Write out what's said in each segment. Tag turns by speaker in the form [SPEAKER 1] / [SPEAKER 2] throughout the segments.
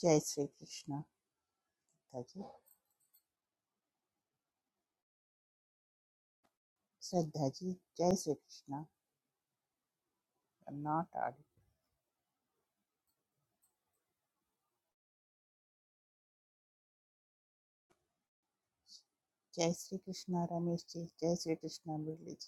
[SPEAKER 1] जय श्री कृष्ण श्रद्धा जी श्रद्धा जी जय Shri Krishna not audio जय श्री कृष्ण रमेश जी जय श्री कृष्ण मुरली जी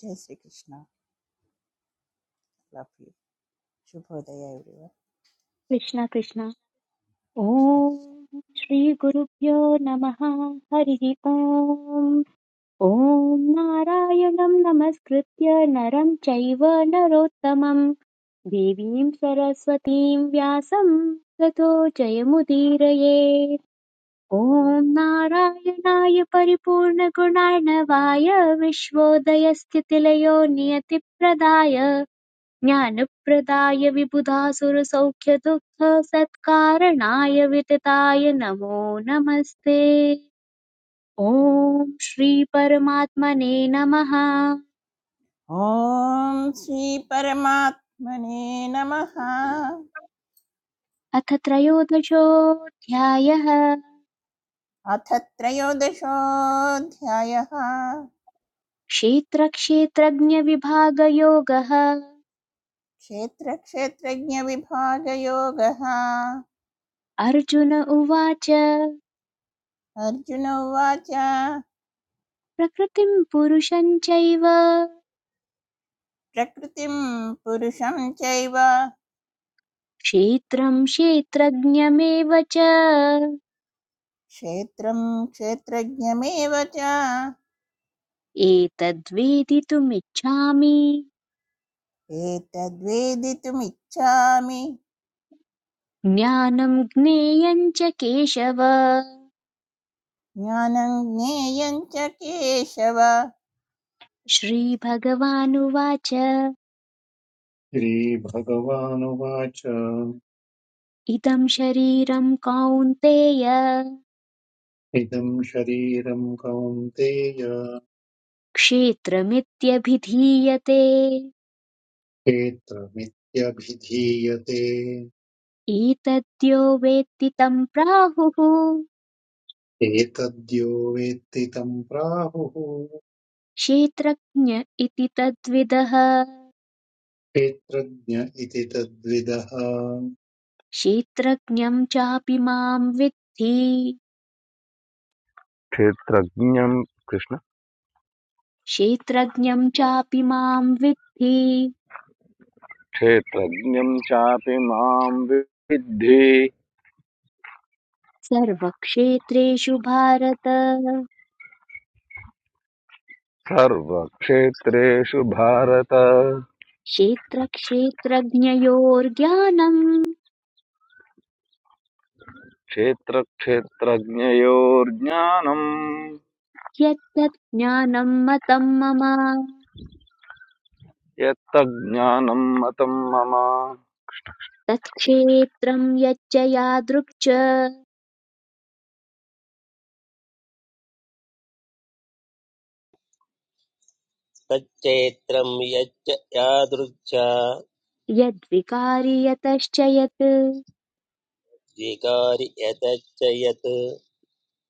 [SPEAKER 1] जय श्री कृष्ण लव यू शुभोदय एवरीवन
[SPEAKER 2] कृष्ण कृष्ण ॐ
[SPEAKER 1] कृष्ण कृष्ण
[SPEAKER 2] श्रीगुरुभ्यो नमः हरिः ॐ ॐ नारायणं नमस्कृत्य नरं चैव नरोत्तमं देवीं सरस्वतीं व्यासं ततो जयमुदीरयेत् ॐ नारायणाय परिपूर्णगुणार्णवाय विश्वोदयस्थितिलयो नियतिप्रदाय ज्ञानप्रदाय विबुधासुरसौख्यदुःखसत्कारणाय वितताय नमो नमस्ते ॐ श्री परमात्मने नमः
[SPEAKER 1] ओम श्री परमात्मने नमः
[SPEAKER 2] अथ त्रयोदशोऽध्यायः
[SPEAKER 1] अथ त्रयोदशोऽध्यायः
[SPEAKER 2] क्षेत्रक्षेत्रज्ञविभागयोगः
[SPEAKER 1] क्षेत्रक्षेत्रज्ञविभागयोगः
[SPEAKER 2] अर्जुन उवाच
[SPEAKER 1] अर्जुन उवाच
[SPEAKER 2] प्रकृतिं पुरुषं चैव
[SPEAKER 1] प्रकृतिं पुरुषं चैव
[SPEAKER 2] क्षेत्रं क्षेत्रज्ञमेव च
[SPEAKER 1] क्षेत्रं क्षेत्रज्ञमेव च
[SPEAKER 2] एतद्वेदितुमिच्छामि
[SPEAKER 1] एतद्वेदितुमिच्छामि
[SPEAKER 2] ज्ञानं ज्ञेयं च केशव
[SPEAKER 1] ज्ञानं ज्ञेयं च केशव
[SPEAKER 2] श्रीभगवानुवाच
[SPEAKER 3] श्रीभगवानुवाच
[SPEAKER 2] इदं शरीरं कौन्तेय
[SPEAKER 3] इदं शरीरं कौन्तेय
[SPEAKER 2] क्षेत्रमित्यभिधीयते
[SPEAKER 3] क्षेत्रमित्यभिधीयते
[SPEAKER 2] एतद्यो वेत्ति तं प्राहुः
[SPEAKER 3] एतद्यो वेत्ति तं प्राहुः
[SPEAKER 2] क्षेत्रज्ञ इति तद्विदः
[SPEAKER 3] क्षेत्रज्ञ इति तद्विदः
[SPEAKER 2] क्षेत्रज्ञं चापि मां विद्धि
[SPEAKER 4] क्षेत्रज्ञं कृष्ण
[SPEAKER 2] क्षेत्रज्ञं चापि मां विद्धि
[SPEAKER 4] क्षेत्रज्ञं चापि मां विद्धि
[SPEAKER 2] सर्वक्षेत्रेषु भारत
[SPEAKER 4] सर्वक्षेत्रेषु भारत
[SPEAKER 2] क्षेत्रक्षेत्रज्ञयोर्ज्ञानम्
[SPEAKER 4] क्षेत्रक्षेत्रज्ञयोर्ज्ञानम्
[SPEAKER 2] यत्तत् ज्ञानम् मतम् मम
[SPEAKER 4] यत्तज्ज्ञानम् मतं मम
[SPEAKER 2] तत्क्षेत्रं यच्च यादृक् च
[SPEAKER 5] तच्चैत्रं यच्च यादृच्छा
[SPEAKER 2] यद्विकारि यतश्च यत्
[SPEAKER 5] द्विकारि यतच्च यत्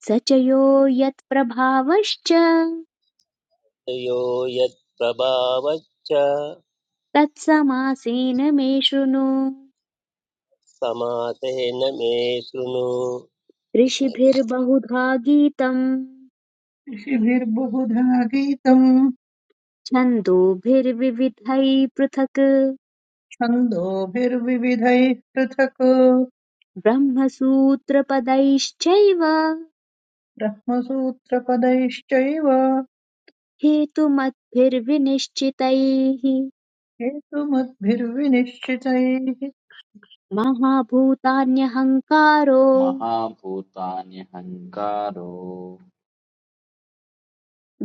[SPEAKER 2] स च यो यत्प्रभावश्च
[SPEAKER 5] यो यत्प्रभावच्च
[SPEAKER 2] तत्समासेन मे शृणु
[SPEAKER 5] समासेन मे शृणु कृष्णकृष्ण
[SPEAKER 2] ऋषिभिर्बहुधा गीतम्
[SPEAKER 6] ऋषिभिर्बहुधा गीतम्
[SPEAKER 2] छन्दोभिर्विविधैः पृथक्
[SPEAKER 6] छन्दोभिर्विविधैः पृथक्
[SPEAKER 2] ब्रह्मसूत्रपदैश्चैव
[SPEAKER 6] ब्रह्मसूत्रपदैश्चैव
[SPEAKER 2] हेतुमद्भिर्विनिश्चितैः
[SPEAKER 6] हेतुमद्भिर्विनिश्चितैः
[SPEAKER 2] महाभूतान्यहङ्कारो
[SPEAKER 7] महापुतान्यंकारो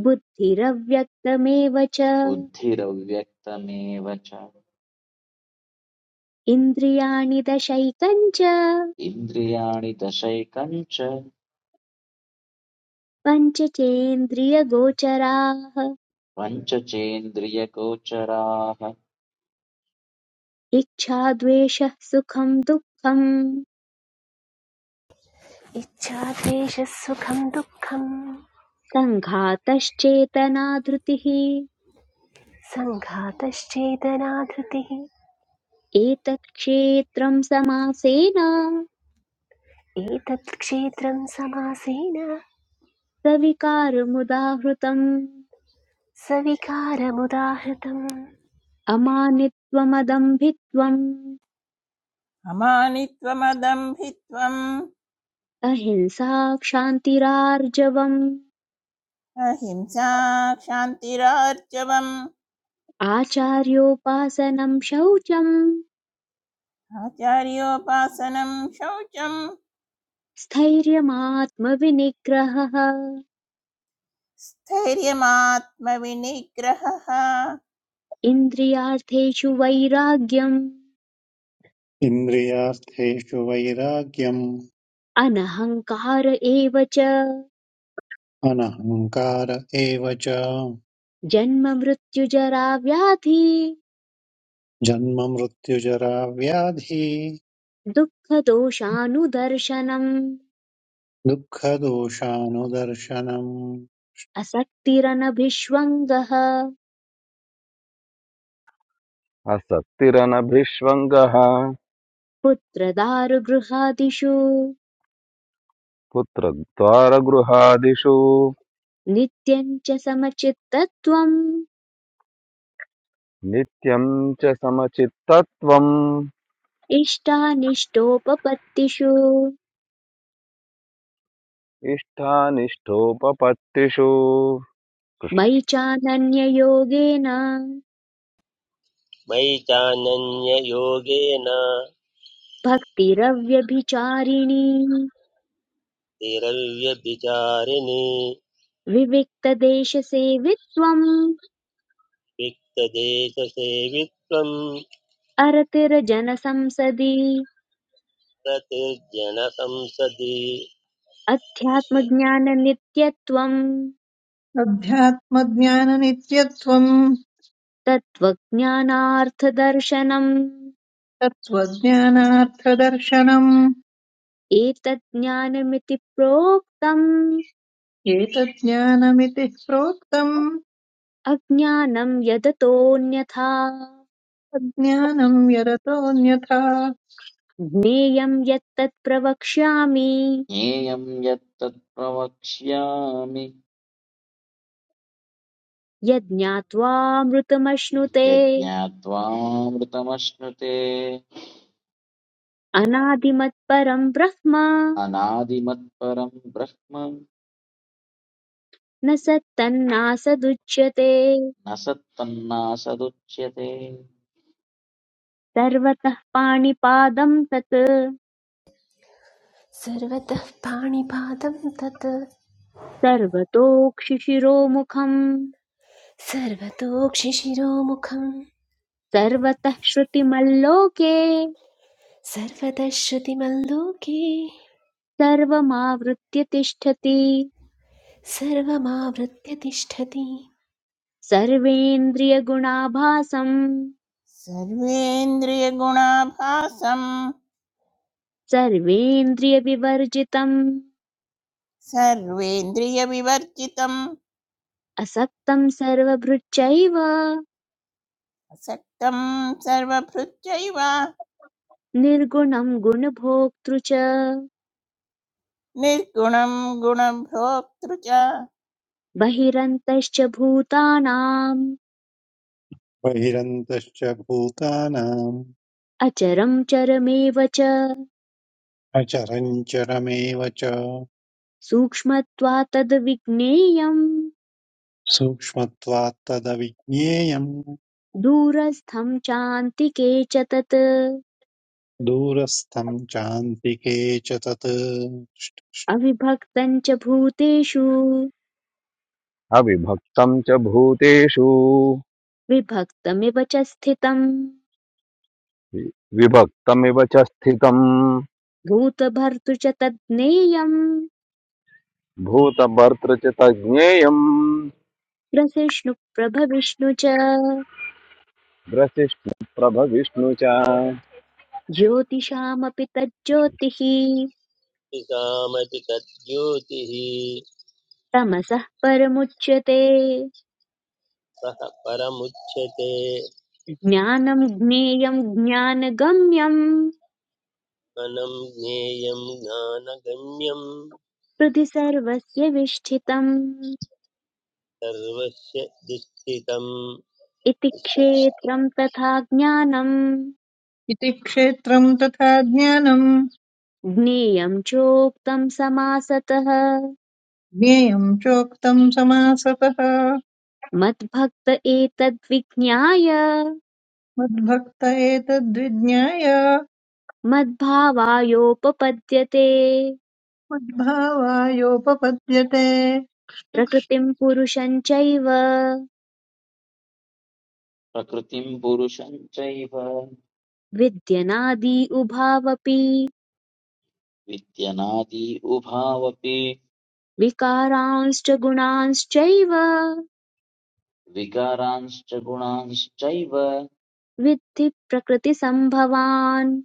[SPEAKER 2] बुद्धिरव्यक्तमेव च
[SPEAKER 7] उद्धीरव्यक्तमेवच
[SPEAKER 2] इन्द्रियाणि दशैकम् च
[SPEAKER 7] इंद्रियाणि दशेकंच
[SPEAKER 2] पञ्चचेन्द्रियगोचराः
[SPEAKER 7] पञ्चचेंद्रियकुचराह
[SPEAKER 2] इच्छा द्वेषः सुखम् दुःखम्
[SPEAKER 8] इच्छाद्वेषसुखं दुःखं
[SPEAKER 2] सङ्घातश्चेतना धृतिः
[SPEAKER 8] सङ्घातश्चेतनाधृतिः
[SPEAKER 2] एतत् क्षेत्रम् समासेन
[SPEAKER 8] एतत् क्षेत्रं समासेन
[SPEAKER 2] सविकारमुदाहृतम्
[SPEAKER 8] सविकारमुदाहृतम्
[SPEAKER 2] अमानित्वमदम्भित्वम्
[SPEAKER 1] अमानित्वमदम्भित्वम्
[SPEAKER 2] अहिंसा क्षान्तिरार्जवम्
[SPEAKER 1] अहिंसा क्षान्तिरार्जवम्
[SPEAKER 2] आचार्योपासनं शौचं
[SPEAKER 1] आचार्योपासनं शौचं
[SPEAKER 2] स्थैर्यमात्मविनिग्रहः
[SPEAKER 1] स्थैर्यमात्मविनिग्रहः
[SPEAKER 2] इन्द्रियार्थेषु वैराग्यम्
[SPEAKER 3] इन्द्रियार्थेषु वैराग्यम्
[SPEAKER 2] अनहङ्कार एव च
[SPEAKER 3] अनहङ्कार एव च
[SPEAKER 2] जन्म मृत्युजरा व्याधि
[SPEAKER 3] जन्म मृत्युजरा व्याधि
[SPEAKER 2] दुःखदोषानुदर्शनम्
[SPEAKER 3] दुःखदोषानुदर्शनम्
[SPEAKER 2] असक्तिरनभिष्वङ्गः
[SPEAKER 4] आसक्तिरनभिष्वङ्गः
[SPEAKER 2] पुत्रदारुगृहादिषु
[SPEAKER 4] पुत्रद्वारगृहादिषु
[SPEAKER 2] नित्यम् च समचित्तत्वम्
[SPEAKER 4] नित्यं च समचित्तत्वम्
[SPEAKER 2] इष्टानिष्टोपपत्तिषु
[SPEAKER 4] इष्टानिष्टोपपत्तिषु
[SPEAKER 2] मयि चानन्ययोगेन
[SPEAKER 5] मयि चानन्ययोगेन
[SPEAKER 2] भक्तिरव्यभिचारिणी
[SPEAKER 5] तिरव्यभिचारिणि
[SPEAKER 2] विविक्तदेशसेवित्वम्
[SPEAKER 5] विक्तदेशसेवित्वं
[SPEAKER 2] अरतिरजनसंसदि
[SPEAKER 5] प्रतिर्जनसंसदि कृष्णकृष्ण
[SPEAKER 2] अध्यात्मज्ञाननित्यत्वम्
[SPEAKER 6] अध्यात्मज्ञाननित्यत्वम्
[SPEAKER 2] तत्त्वज्ञानार्थदर्शनम्
[SPEAKER 6] तत्त्वज्ञानार्थदर्शनम्
[SPEAKER 2] एतज्ज्ञानमिति प्रोक्तम्
[SPEAKER 6] एतज्ज्ञानमिति प्रोक्तम्
[SPEAKER 2] अज्ञानं यदतोऽन्यथा
[SPEAKER 6] अज्ञानम् यरतोऽन्यथा
[SPEAKER 2] ज्ञेयं यत्तत् प्रवक्ष्यामि
[SPEAKER 7] येम्यतत्प्रवक्ष्यामि
[SPEAKER 2] यज्ञात्वामृतमश्नुते
[SPEAKER 7] यत्यात्वामृतमश्नुते
[SPEAKER 2] अनादिमत्परं ब्रह्म
[SPEAKER 7] अनादिमत परम ब्रह्म
[SPEAKER 2] न सत्तन्नासदुच्यते
[SPEAKER 7] नसत्तन्नासदुच्यते
[SPEAKER 2] सर्वतः पाणिपादं तत्
[SPEAKER 8] सर्वतः पाणिपादं तत्
[SPEAKER 2] सर्वतोक्षिशिरोमुखम्
[SPEAKER 8] सर्वतोक्षिशिरोमुखं
[SPEAKER 2] सर्वतः श्रुतिमल्लोके
[SPEAKER 8] सर्वतः श्रुतिमल्लोके
[SPEAKER 2] सर्वमावृत्य तिष्ठति
[SPEAKER 8] सर्वमावृत्य तिष्ठति
[SPEAKER 2] सर्वेन्द्रियगुणाभासं
[SPEAKER 1] सर्वेन्द्रियगुणाभासं
[SPEAKER 2] सर्वेन्द्रियविवर्जितम्
[SPEAKER 1] सर्वेन्द्रियविवर्जितम्
[SPEAKER 2] असक्तं सर्वभृच्चैव
[SPEAKER 1] असक्तं सर्वभृत्यैव
[SPEAKER 2] निर्गुणं गुणभोक्तृ च
[SPEAKER 1] निर्गुणं गुणभोक्तृ च
[SPEAKER 2] बहिरन्तश्च भूतानाम्
[SPEAKER 3] बहिरन्तश्च भूतानां
[SPEAKER 2] अचरं चरमेव च
[SPEAKER 3] अचरम् चरमेव च
[SPEAKER 2] सूक्ष्मत्वात्तद्विज्ञेयम्
[SPEAKER 3] सूक्ष्मत्वात् तदविज्ञेयम्
[SPEAKER 2] दूरस्थं चान्तिके च तत्
[SPEAKER 3] दूरस्थं चान्तिके च तत्
[SPEAKER 2] अविभक्तं च भूतेषु
[SPEAKER 4] अविभक्तं च भूतेषु
[SPEAKER 2] विभक्तमिव च स्थितम्
[SPEAKER 4] वि- विभक्तमिव च स्थितं
[SPEAKER 2] भूतभर्तृ च तज्ज्ञेयम्
[SPEAKER 4] भूतभर्तृ च तज्ज्ञेयम्
[SPEAKER 2] ग्रसिष्णुप्रभविष्णु च
[SPEAKER 4] ग्रसिष्णु प्रभविष्णु च
[SPEAKER 2] ज्योतिषामपि तज्ज्योतिः
[SPEAKER 5] कामपि तद्योतिः
[SPEAKER 2] तमसः परमुच्यते
[SPEAKER 5] सः परमुच्यते
[SPEAKER 2] ज्ञानं ज्ञेयं ज्ञानगम्यं
[SPEAKER 5] अनं ज्ञेयं ज्ञानगम्यं
[SPEAKER 2] हृदि सर्वस्य विष्ठितम्
[SPEAKER 5] सर्वस्य दुःस्थितं
[SPEAKER 2] इति
[SPEAKER 5] कृष्णकृष्ण
[SPEAKER 2] क्षेत्रं तथा ज्ञानं
[SPEAKER 6] इति क्षेत्रम् तथा ज्ञानम्
[SPEAKER 2] ज्ञेयं चोक्तं समासतः
[SPEAKER 6] ज्ञेयम् चोक्तम् समासतः
[SPEAKER 2] मद्भक्त एतद्विज्ञाय
[SPEAKER 6] मद्भक्त एतद्विज्ञाय
[SPEAKER 2] मद्भावायोपपद्यते
[SPEAKER 6] मद्भावायोपपद्यते
[SPEAKER 2] प्रकृतिं पुरुषं चैव
[SPEAKER 7] प्रकृतिं पुरुषं चैव
[SPEAKER 2] विद्यनादि उभावपि
[SPEAKER 7] विद्यनादी उभावपि
[SPEAKER 2] विकारांश्च गुणांश्चैव
[SPEAKER 7] विकारांश्च गुणांश्चैव
[SPEAKER 2] विद्धि प्रकृतिसम्भवान्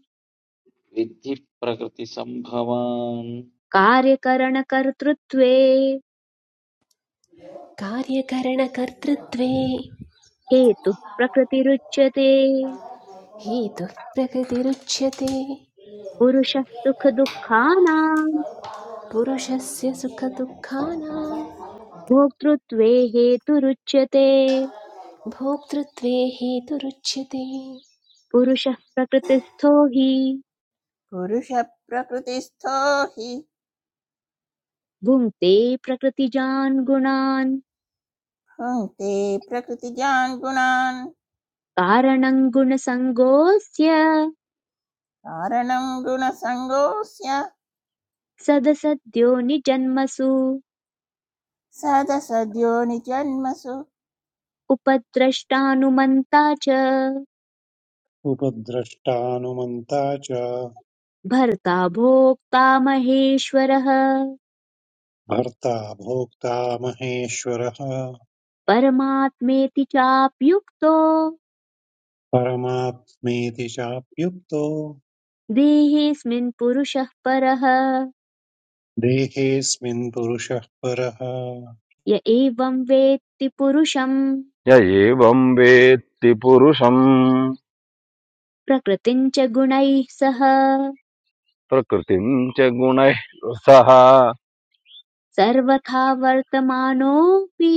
[SPEAKER 7] विद्धि प्रकृतिसम्भवान्
[SPEAKER 2] कार्यकरणकर्तृत्वे
[SPEAKER 8] कार्यकरणकर्तृत्वे
[SPEAKER 2] हेतुः प्रकृतिरुच्यते
[SPEAKER 8] हेतुः प्रकृतिरुच्यते
[SPEAKER 2] पुरुषः सुखदुःखानाम्
[SPEAKER 8] पुरुषस्य सुखदुःखानां
[SPEAKER 2] भोक्तृत्वे हेतुरुच्यते
[SPEAKER 8] भोक्तृत्वे हेतुरुच्यते
[SPEAKER 2] पुरुषः प्रकृतिस्थो हि
[SPEAKER 1] पुरुषप्रकृतिस्थो हि
[SPEAKER 2] भुङ्क्ते प्रकृतिजान् गुणान्
[SPEAKER 1] भुङ्क्ते प्रकृतिजान् गुणान्
[SPEAKER 2] कारणम् गुणसङ्गोऽस्य
[SPEAKER 1] कारणं गुणसङ्गोऽस्य
[SPEAKER 2] सदसद्यो निजन्मसु
[SPEAKER 1] सदसद्यो निजन्मसु
[SPEAKER 2] उपद्रष्टानुमन्ता च
[SPEAKER 3] उपद्रष्टानुमन्ता च
[SPEAKER 2] भर्ता भोक्ता महेश्वरः
[SPEAKER 3] भर्ता भोक्ता महेश्वरः
[SPEAKER 2] परमात्मेति चाप्युक्तो
[SPEAKER 3] परमात्मेति चाप्युक्तो
[SPEAKER 2] देहेऽस्मिन् पुरुषः परः
[SPEAKER 3] देहेऽस्मिन् पुरुषः परः
[SPEAKER 2] य एवं वेत्ति पुरुषम्
[SPEAKER 4] य एवं वेत्ति पुरुषं
[SPEAKER 2] प्रकृतिम् च गुणैः सह
[SPEAKER 4] प्रकृतिं च गुणैः सह
[SPEAKER 2] सर्वथा वर्तमानोऽपि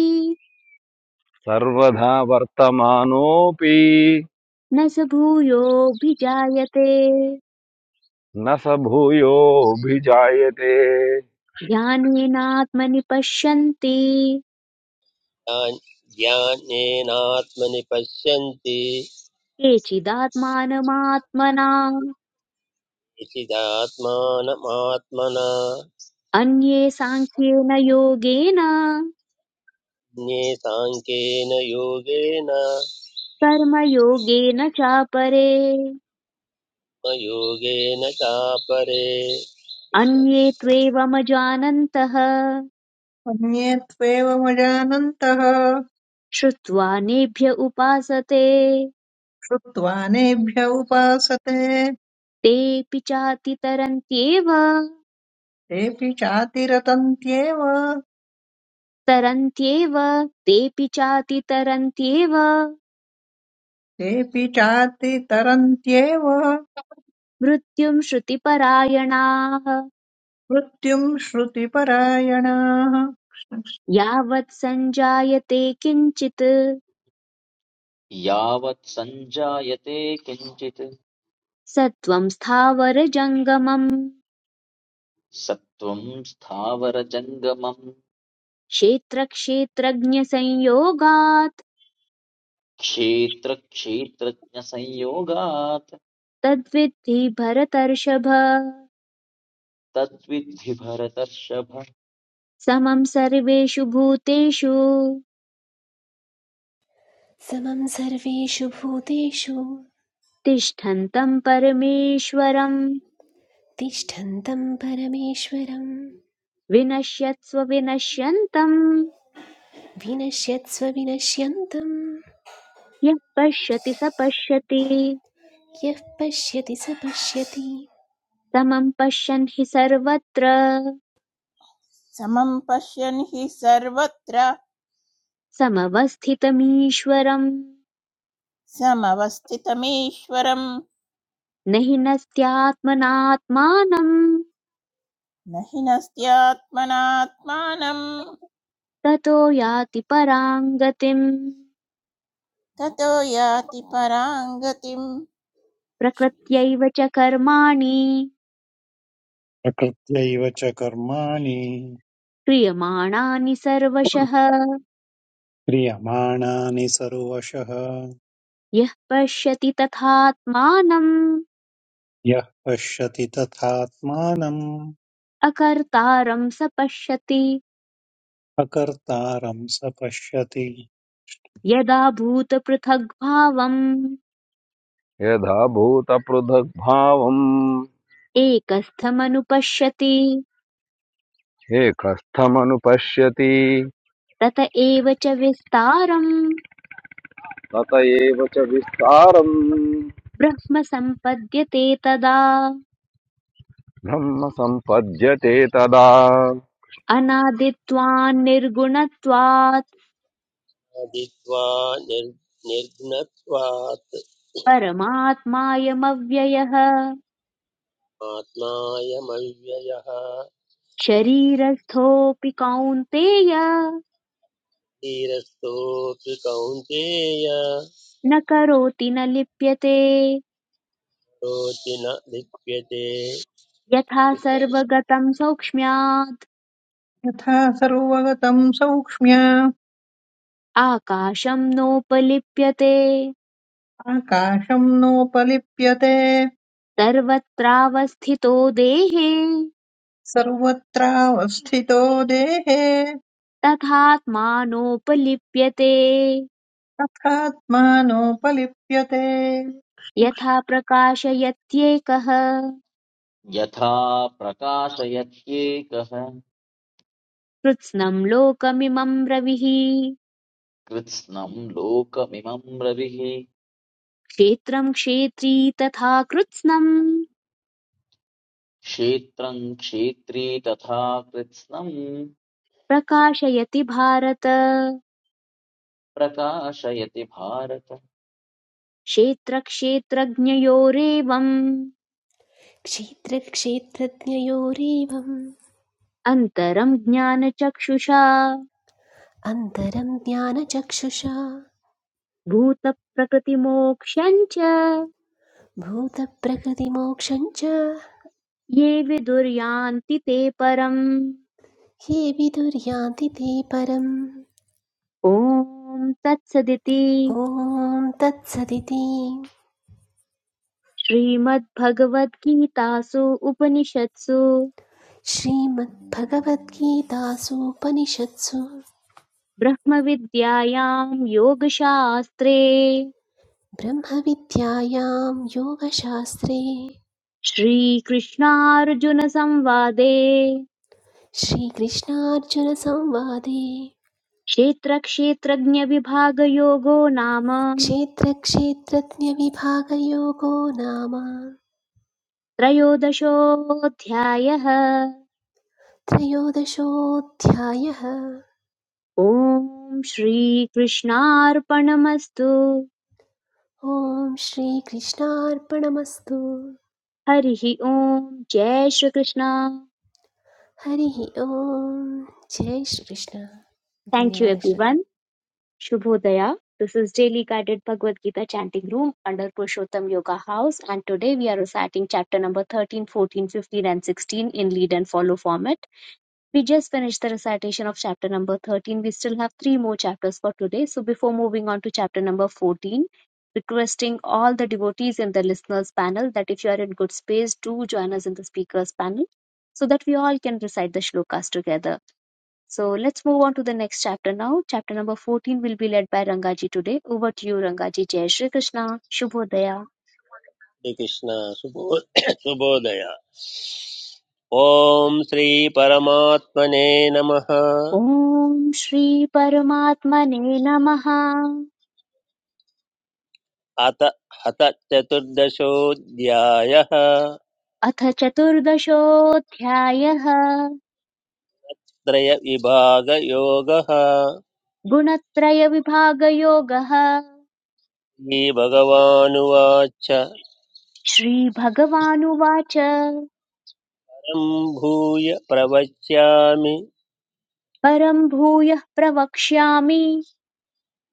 [SPEAKER 4] सर्वधा वर्तमानोऽपि
[SPEAKER 2] न स भूयोऽभिजायते
[SPEAKER 4] न स भूयोऽभिजायते
[SPEAKER 2] ज्ञानेनात्मनि पश्यन्ति
[SPEAKER 5] ज्ञानेनात्मनि पश्यन्ति
[SPEAKER 2] केचिदात्मानमात्मना
[SPEAKER 5] निशिदात्मानमात्मना
[SPEAKER 2] अन्ये साङ्ख्येन योगेन
[SPEAKER 5] ज्ञे साङ्ख्येन योगेन
[SPEAKER 2] कर्मयोगेन चापरे
[SPEAKER 5] योगेन चापरे
[SPEAKER 2] अन्ये त्वेवमजानन्तः
[SPEAKER 6] अन्ये त्वेवमजानन्तः
[SPEAKER 2] श्रुत्वा नेभ्य उपासते
[SPEAKER 6] श्रुत्वा नेभ्य उपासते
[SPEAKER 2] तेऽपि चातितरन्त्येव
[SPEAKER 6] तेऽपि चातिरतन्त्येव
[SPEAKER 2] तरन्त्येव तरन्त्येव तेऽपि चातितरन्त्येव
[SPEAKER 6] तेऽपि चातितरन्त्येव
[SPEAKER 2] मृत्युम् श्रुतिपरायणाः
[SPEAKER 6] मृत्युम् श्रुतिपरायणाः
[SPEAKER 2] यावत् सञ्जायते किञ्चित्
[SPEAKER 7] यावत् सञ्जायते किञ्चित्
[SPEAKER 2] सत्त्वं स्थावरजङ्गमम्
[SPEAKER 7] सत्त्वं स्थावरजङ्गमम्
[SPEAKER 2] क्षेत्रक्षेत्रज्ञसंयोगात्
[SPEAKER 7] क्षेत्रक्षेत्रज्ञसंयोगात्
[SPEAKER 2] तद्विद्धि भरतर्षभ
[SPEAKER 7] तद्विद्धि भरतर्षभ
[SPEAKER 2] समं सर्वेषु भूतेषु
[SPEAKER 8] समं सर्वेषु भूतेषु
[SPEAKER 2] तिष्ठन्तं परमेश्वरं
[SPEAKER 8] तिष्ठन्तं परमेश्वरं
[SPEAKER 2] विनश्यत्स्व विनश्यन्तं
[SPEAKER 8] विनश्यत्स्वविनश्यन्तं
[SPEAKER 2] यः पश्यति स पश्यति
[SPEAKER 8] यः पश्यति स पश्यति
[SPEAKER 2] समं पश्यन् हि सर्वत्र
[SPEAKER 1] समं पश्यन् हि सर्वत्र
[SPEAKER 2] समवस्थितमीश्वरम्
[SPEAKER 1] समवस्थितमीश्वरं
[SPEAKER 2] न हि नस्त्यात्मनात्मानं
[SPEAKER 1] न हि नस्त्यात्मनात्मानं
[SPEAKER 2] ततो याति परां गतिम्
[SPEAKER 1] ततो याति पराङ्गतिम्
[SPEAKER 2] प्रकृत्यैव च कर्माणि
[SPEAKER 3] प्रकृत्यैव च कर्माणि
[SPEAKER 2] क्रियमाणानि सर्वशः
[SPEAKER 3] क्रियमाणानि सर्वशः
[SPEAKER 2] यः पश्यति तथात्मानम्
[SPEAKER 3] यः पश्यति तथात्मानम्
[SPEAKER 2] अकर्तारं स पश्यति
[SPEAKER 3] अकर्तारं स पश्यति
[SPEAKER 2] यदा भूतपृथग्भावम्
[SPEAKER 4] यदा भूतपृथग्भावम्
[SPEAKER 2] एकस्थमनुपश्यति
[SPEAKER 4] एकस्थमनुपश्यति
[SPEAKER 2] तत एव च विस्तारम्
[SPEAKER 4] तत एव च विस्तारम्
[SPEAKER 2] ब्रह्म सम्पद्यते तदा
[SPEAKER 4] ब्रह्म सम्पद्यते तदा
[SPEAKER 2] अनादित्वान् निर्गुणत्वात्
[SPEAKER 5] कृष्णकृष्णादित्वा निर् निर्घ्नत्वात्
[SPEAKER 2] परमात्मायमव्ययः
[SPEAKER 5] आत्मायमव्ययः
[SPEAKER 2] शरीरस्थोऽपि कौन्तेय
[SPEAKER 5] धीरस्थोऽपि कौन्तेय
[SPEAKER 2] न करोति न लिप्यते
[SPEAKER 5] रोति न लिप्यते
[SPEAKER 2] यथा
[SPEAKER 5] श्री
[SPEAKER 2] सर्वगतम् सौक्ष्म्यात्
[SPEAKER 6] यथा सर्वगतम् सौक्ष्म्य
[SPEAKER 2] आकाशं नोपलिप्यते
[SPEAKER 6] आकाशम् नोपलिप्यते
[SPEAKER 2] सर्वत्रावस्थितो देहे
[SPEAKER 6] सर्वत्रावस्थितो देहे
[SPEAKER 2] तथात्मानोपलिप्यते
[SPEAKER 6] तथात्मानोपलिप्यते
[SPEAKER 2] यथा प्रकाशयत्येकः
[SPEAKER 7] यथा प्रकाशयत्येकः
[SPEAKER 2] कृत्स्नं लोकमिमं रविः
[SPEAKER 7] कृत्स्नम् लोकमिमम् रविः
[SPEAKER 2] क्षेत्रं क्षेत्री तथा कृत्स्नं
[SPEAKER 7] क्षेत्रं क्षेत्री तथा कृत्स्नम्
[SPEAKER 2] प्रकाशयति भारत
[SPEAKER 7] प्रकाशयति भारत
[SPEAKER 2] क्षेत्रक्षेत्रज्ञयोरेवम्
[SPEAKER 8] क्षेत्रक्षेत्रज्ञयोरेवम्
[SPEAKER 2] अन्तरं ज्ञानचक्षुषा
[SPEAKER 8] अन्तरं ज्ञानचक्षुषा
[SPEAKER 2] भूतप्रकृतिमोक्षं च
[SPEAKER 8] भूतप्रकृतिमोक्षं च
[SPEAKER 2] ये विदुर्यान्ति ते परम्
[SPEAKER 8] ये विदुर्यान्ति ते परम्
[SPEAKER 2] ॐ तत्सदिति
[SPEAKER 8] ॐ तत्सदिति
[SPEAKER 2] श्रीमद्भगवद्गीतासु उपनिषत्सु
[SPEAKER 8] श्रीमद्भगवद्गीतासूपनिषत्सु
[SPEAKER 2] ब्रह्मविद्यायां योगशास्त्रे
[SPEAKER 8] ब्रह्मविद्यायां योगशास्त्रे
[SPEAKER 2] श्रीकृष्णार्जुनसंवादे
[SPEAKER 8] श्रीकृष्णार्जुनसंवादे
[SPEAKER 2] क्षेत्रक्षेत्रज्ञविभागयोगो नाम
[SPEAKER 8] क्षेत्रक्षेत्रज्ञविभागयोगो नाम
[SPEAKER 2] त्रयोदशोऽध्यायः
[SPEAKER 8] त्रयोदशोऽध्यायः
[SPEAKER 2] ॐ श्रीकृष्णार्पणमस्तु
[SPEAKER 8] ॐ श्रीकृष्णार्पणमस्तु
[SPEAKER 2] हरिः ॐ जय श्रीकृष्ण
[SPEAKER 8] हरिः ॐ जय श्रीकृष्ण
[SPEAKER 2] Thank you
[SPEAKER 8] धन्यवादः श्रोते
[SPEAKER 2] everyone. Shubhodaya. This is Daily Guided Bhagavad Gita Chanting Room under Purushottam Yoga House and today we are reciting chapter number 13, 14, 15, and 16 in lead and follow format. We just finished the recitation of chapter number 13. We still have three more chapters for today. So before moving on to chapter number 14, requesting all the devotees in the listeners panel that if you are in good space, do join us in the speakers panel so that we all can recite the shlokas together. So let's move on to the next chapter now. Chapter number 14 will be led by Rangaji today. Over to you, Rangaji. Jai Shri Krishna. Shubhodaya.
[SPEAKER 5] Krishna सुबो सुबोधय ॐ श्रीपरमात्मने नमः
[SPEAKER 2] Om Shri Paramatmane Namaha.
[SPEAKER 5] अत हत चतुर्दशोऽध्यायः
[SPEAKER 2] अथ चतुर्दशोऽध्यायः
[SPEAKER 5] त्रयविभागयोगः
[SPEAKER 2] गुणत्रयविभागयोगः
[SPEAKER 5] श्रीभगवानुवाच परं
[SPEAKER 2] श्रीभगवानुवाच
[SPEAKER 5] भूय प्रवच्यामि
[SPEAKER 2] परम् भूयः प्रवक्ष्यामि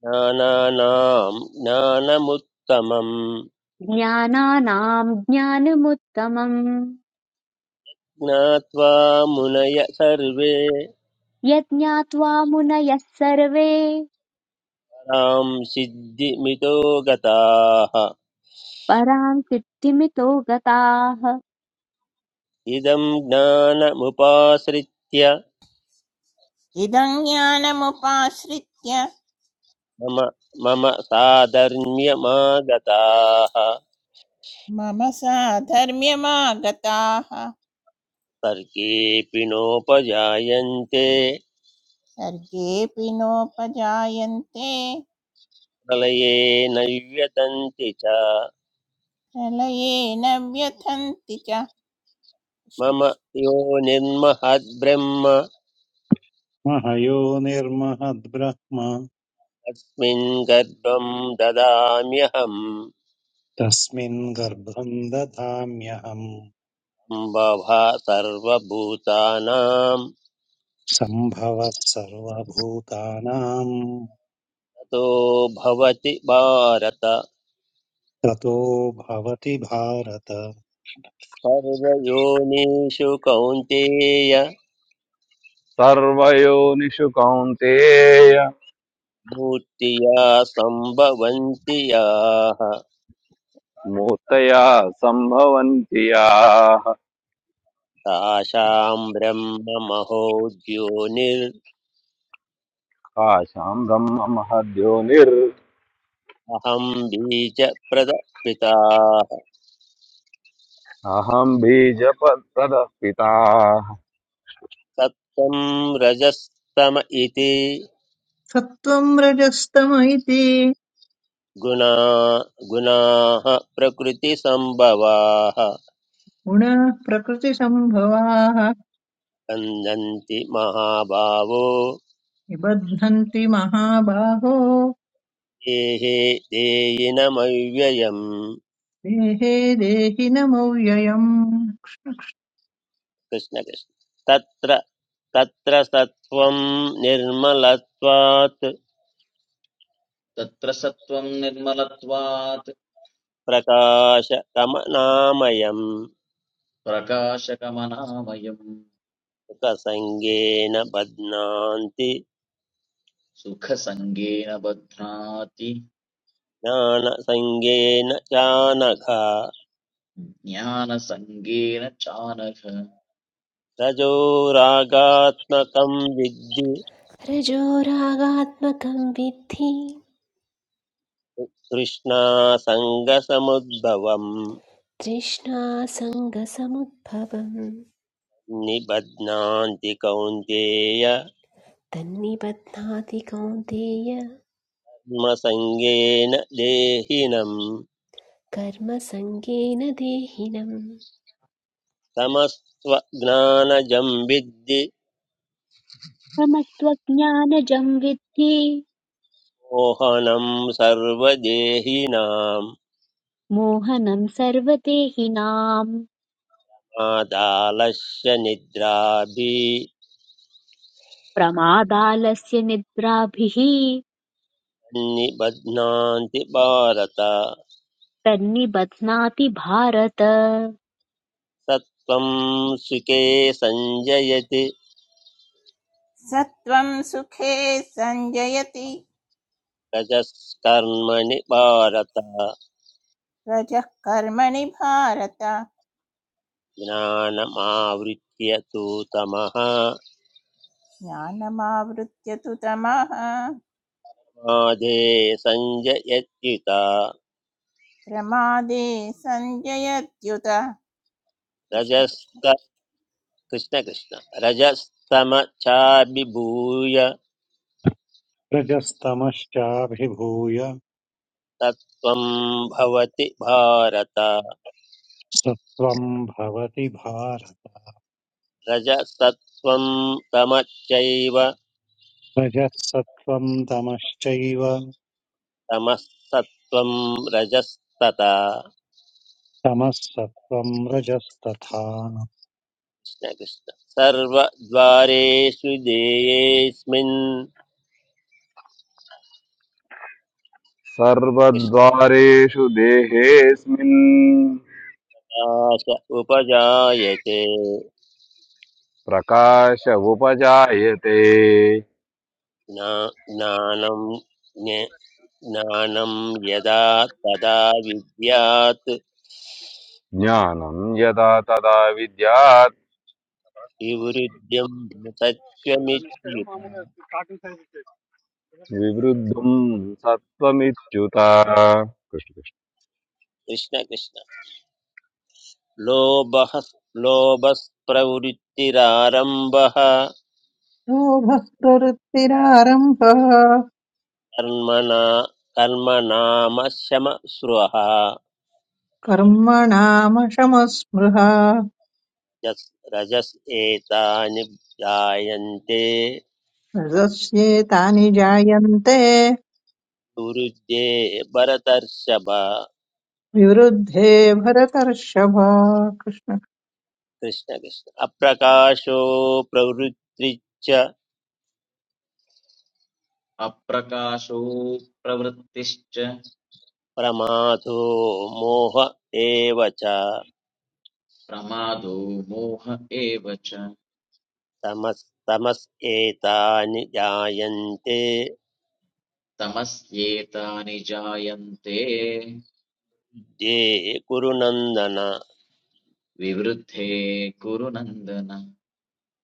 [SPEAKER 5] ज्ञानानां ज्ञानमुत्तमं
[SPEAKER 2] ज्ञानानाम् ज्ञानमुत्तमम्
[SPEAKER 5] ज्ञात्वा मुनय सर्वे
[SPEAKER 2] यज्ञात्वा मुनयः सर्वे
[SPEAKER 5] तां सिद्धिमितो गताः
[SPEAKER 2] परां सिद्धिमितो गताः
[SPEAKER 5] इदं ज्ञानमुपाश्रित्य
[SPEAKER 1] इदं ज्ञानमुपाश्रित्य
[SPEAKER 5] मम मम साधर्म्यमागताः
[SPEAKER 1] मम साधर्म्यमागताः
[SPEAKER 5] सर्गेऽपि नोपजायन्ते
[SPEAKER 1] सर्गेऽपि नोपजायन्ते
[SPEAKER 5] प्रलये न व्यतन्ति च
[SPEAKER 1] प्रलये न व्यथन्ति च
[SPEAKER 5] मम यो निर्महद्ब्रह्म
[SPEAKER 3] मह यो निर्महद्ब्रह्म
[SPEAKER 5] अस्मिन् गर्भं ददाम्यहम्
[SPEAKER 3] तस्मिन् गर्भं दधाम्यहम्
[SPEAKER 5] सम्भवः सर्वभूतानां
[SPEAKER 3] सम्भवः सर्वभूतानां
[SPEAKER 5] ततो भवति भारत
[SPEAKER 3] ततो भवति भारत
[SPEAKER 5] सर्वयोनिषु कौन्तेय
[SPEAKER 4] सर्वयोनिषु कौन्तेय
[SPEAKER 5] भूत्या सम्भवन्ति याः
[SPEAKER 4] मूर्तया सम्भवन्ति याः
[SPEAKER 5] तासां ब्रह्ममहोद्योनिरहं
[SPEAKER 4] काशां ब्रह्म महद्योनिर्
[SPEAKER 5] बीजप्रदपिताः
[SPEAKER 4] अहं बीजपत्रतः पिताः
[SPEAKER 5] सत्त्वं रजस्तम इति
[SPEAKER 6] सत्त्वम् रजस्तम इति
[SPEAKER 5] गुणा गुणाः प्रकृतिसम्भवाः
[SPEAKER 6] गुणाः प्रकृतिसम्भवाः
[SPEAKER 5] बन्धन्ति महाभावो
[SPEAKER 6] निबध्नन्ति महाबाहो
[SPEAKER 5] देहे देयिनमव्ययम्
[SPEAKER 6] देहे देहि नमव्ययम्
[SPEAKER 5] कृष्णकृष्ण तत्र तत्र सत्त्वं निर्मलत्वात्
[SPEAKER 7] तत्र सत्त्वं निर्मलत्वात्
[SPEAKER 5] प्रकाशकमनामयम्
[SPEAKER 7] प्रकाशकमनामयम्
[SPEAKER 5] सुखसङ्गेन बध्नान्ति
[SPEAKER 7] सुखसङ्गेन बध्नाति
[SPEAKER 5] ज्ञानसङ्गेन चानघ
[SPEAKER 7] ज्ञानसङ्गेन चानघ
[SPEAKER 5] रजोरागात्मकं विद्धि
[SPEAKER 8] रजोरागात्मकं विद्धि
[SPEAKER 5] तृष्णासङ्गसमुद्भवम्
[SPEAKER 8] तृष्णासङ्गसमुद्भवं
[SPEAKER 5] निबध्नान्ति कौन्तेय
[SPEAKER 8] तन्निबध्नाति कौन्तेय
[SPEAKER 5] कर्मसङ्गेन देहिनम्
[SPEAKER 8] कर्मसङ्गेन देहिनम्
[SPEAKER 5] तमस्त्वज्ञानजं विद्धि
[SPEAKER 2] समत्वज्ञानजं विद्धि
[SPEAKER 5] मोहनं सर्वदेहिनां
[SPEAKER 2] मोहनं सर्वदेहिनाम्
[SPEAKER 5] मादालस्य
[SPEAKER 2] प्रमादालस्य निद्राभिः
[SPEAKER 5] निद्राभिन्निबध्नान्ति भारत
[SPEAKER 2] तन्निबध्नाति भारत
[SPEAKER 5] सत्त्वं सुखे सञ्जयति
[SPEAKER 1] सत्त्वं सुखे सञ्जयति
[SPEAKER 5] रजस्कर्मणि भारत
[SPEAKER 1] रजः कर्मणि भारत
[SPEAKER 5] ज्ञानमावृत्य तु तमः
[SPEAKER 1] ज्ञानमावृत्य तु तमः
[SPEAKER 5] मादे सञ्जयत्युता
[SPEAKER 1] प्रमादे सञ्जयत्युत कृष्ण कृष्ण
[SPEAKER 5] रजस्त कृष्ण कृष्ण रजस्तमचाभिभूय
[SPEAKER 3] रजस्तमश्चाभिभूय
[SPEAKER 5] रजस्तत्त्वं भवति भारत
[SPEAKER 3] सत्त्वं भवति भारत
[SPEAKER 5] रजसत्त्वं तमश्चैव
[SPEAKER 3] रजः सत्त्वं तमश्चैव
[SPEAKER 5] तमसत्त्वं रजस्तथा
[SPEAKER 3] तमः सत्त्वं रजस्तथा
[SPEAKER 5] कृष्णकृष्ण सर्वद्वारेषु देयेऽस्मिन्
[SPEAKER 4] सर्वद्वारेषु देहेऽस्मिन्
[SPEAKER 5] कृष्णकाश उपजायते
[SPEAKER 4] प्रकाश उपजायते
[SPEAKER 5] ज्ञा- ज्ञानं ज्ञे- ज्ञानं यदा तदा विद्यात्
[SPEAKER 4] ज्ञानं यदा तदा विद्यात्
[SPEAKER 5] विवृद्धिं तत्त्वमित्युत
[SPEAKER 4] विवृद्धुम् सत्त्वमित्युत कृष्णकृष्ण
[SPEAKER 5] कृष्णकृष्ण लोभः लोभस्प्रवृत्तिरारम्भः
[SPEAKER 6] क्षोभः प्रवृत्तिरारम्भः
[SPEAKER 5] कर्मणा कर्मणामशमस्रुवः
[SPEAKER 6] कर्मणामशमस्पृहा
[SPEAKER 5] यस् रजस् एतानि जायन्ते
[SPEAKER 6] रजस्येतानि जायन्ते
[SPEAKER 5] दुरुद्ये भरतर्षभ
[SPEAKER 6] विवृद्धे भरतर्षभ कृष्ण
[SPEAKER 5] कृष्ण कृष्ण अप्रकाशो प्रवृत्तिच्च
[SPEAKER 7] अप्रकाशो प्रवृत्तिश्च
[SPEAKER 5] प्रमादो मोह एव च
[SPEAKER 7] प्रमादो मोह एव च
[SPEAKER 5] तमस् तमस् एतानि जायन्ते
[SPEAKER 7] तमस्येतानि जायन्ते
[SPEAKER 5] बुद्धे कुरु
[SPEAKER 7] विवृद्धे कुरु नन्दन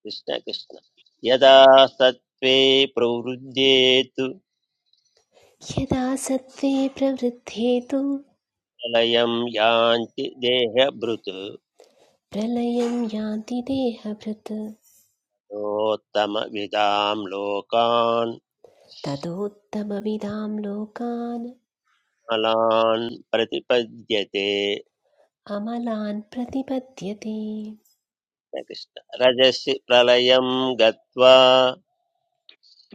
[SPEAKER 5] कृष्ण कृष्ण यदा सत्त्वे प्रवृद्ध्येतु
[SPEAKER 8] यदा सत्त्वे प्रवृद्धे तु
[SPEAKER 5] प्रलयं यान्ति देहभृत्
[SPEAKER 8] प्रलयं यान्ति देहभृत्
[SPEAKER 5] नोत्तमविदां लोकान्
[SPEAKER 8] ततोत्तमविदां लोकान्
[SPEAKER 5] मलान् प्रतिपद्यते
[SPEAKER 8] अमलान् प्रतिपद्यते
[SPEAKER 5] कृष्ण कृष्ण। रजसि प्रलयं गत्वा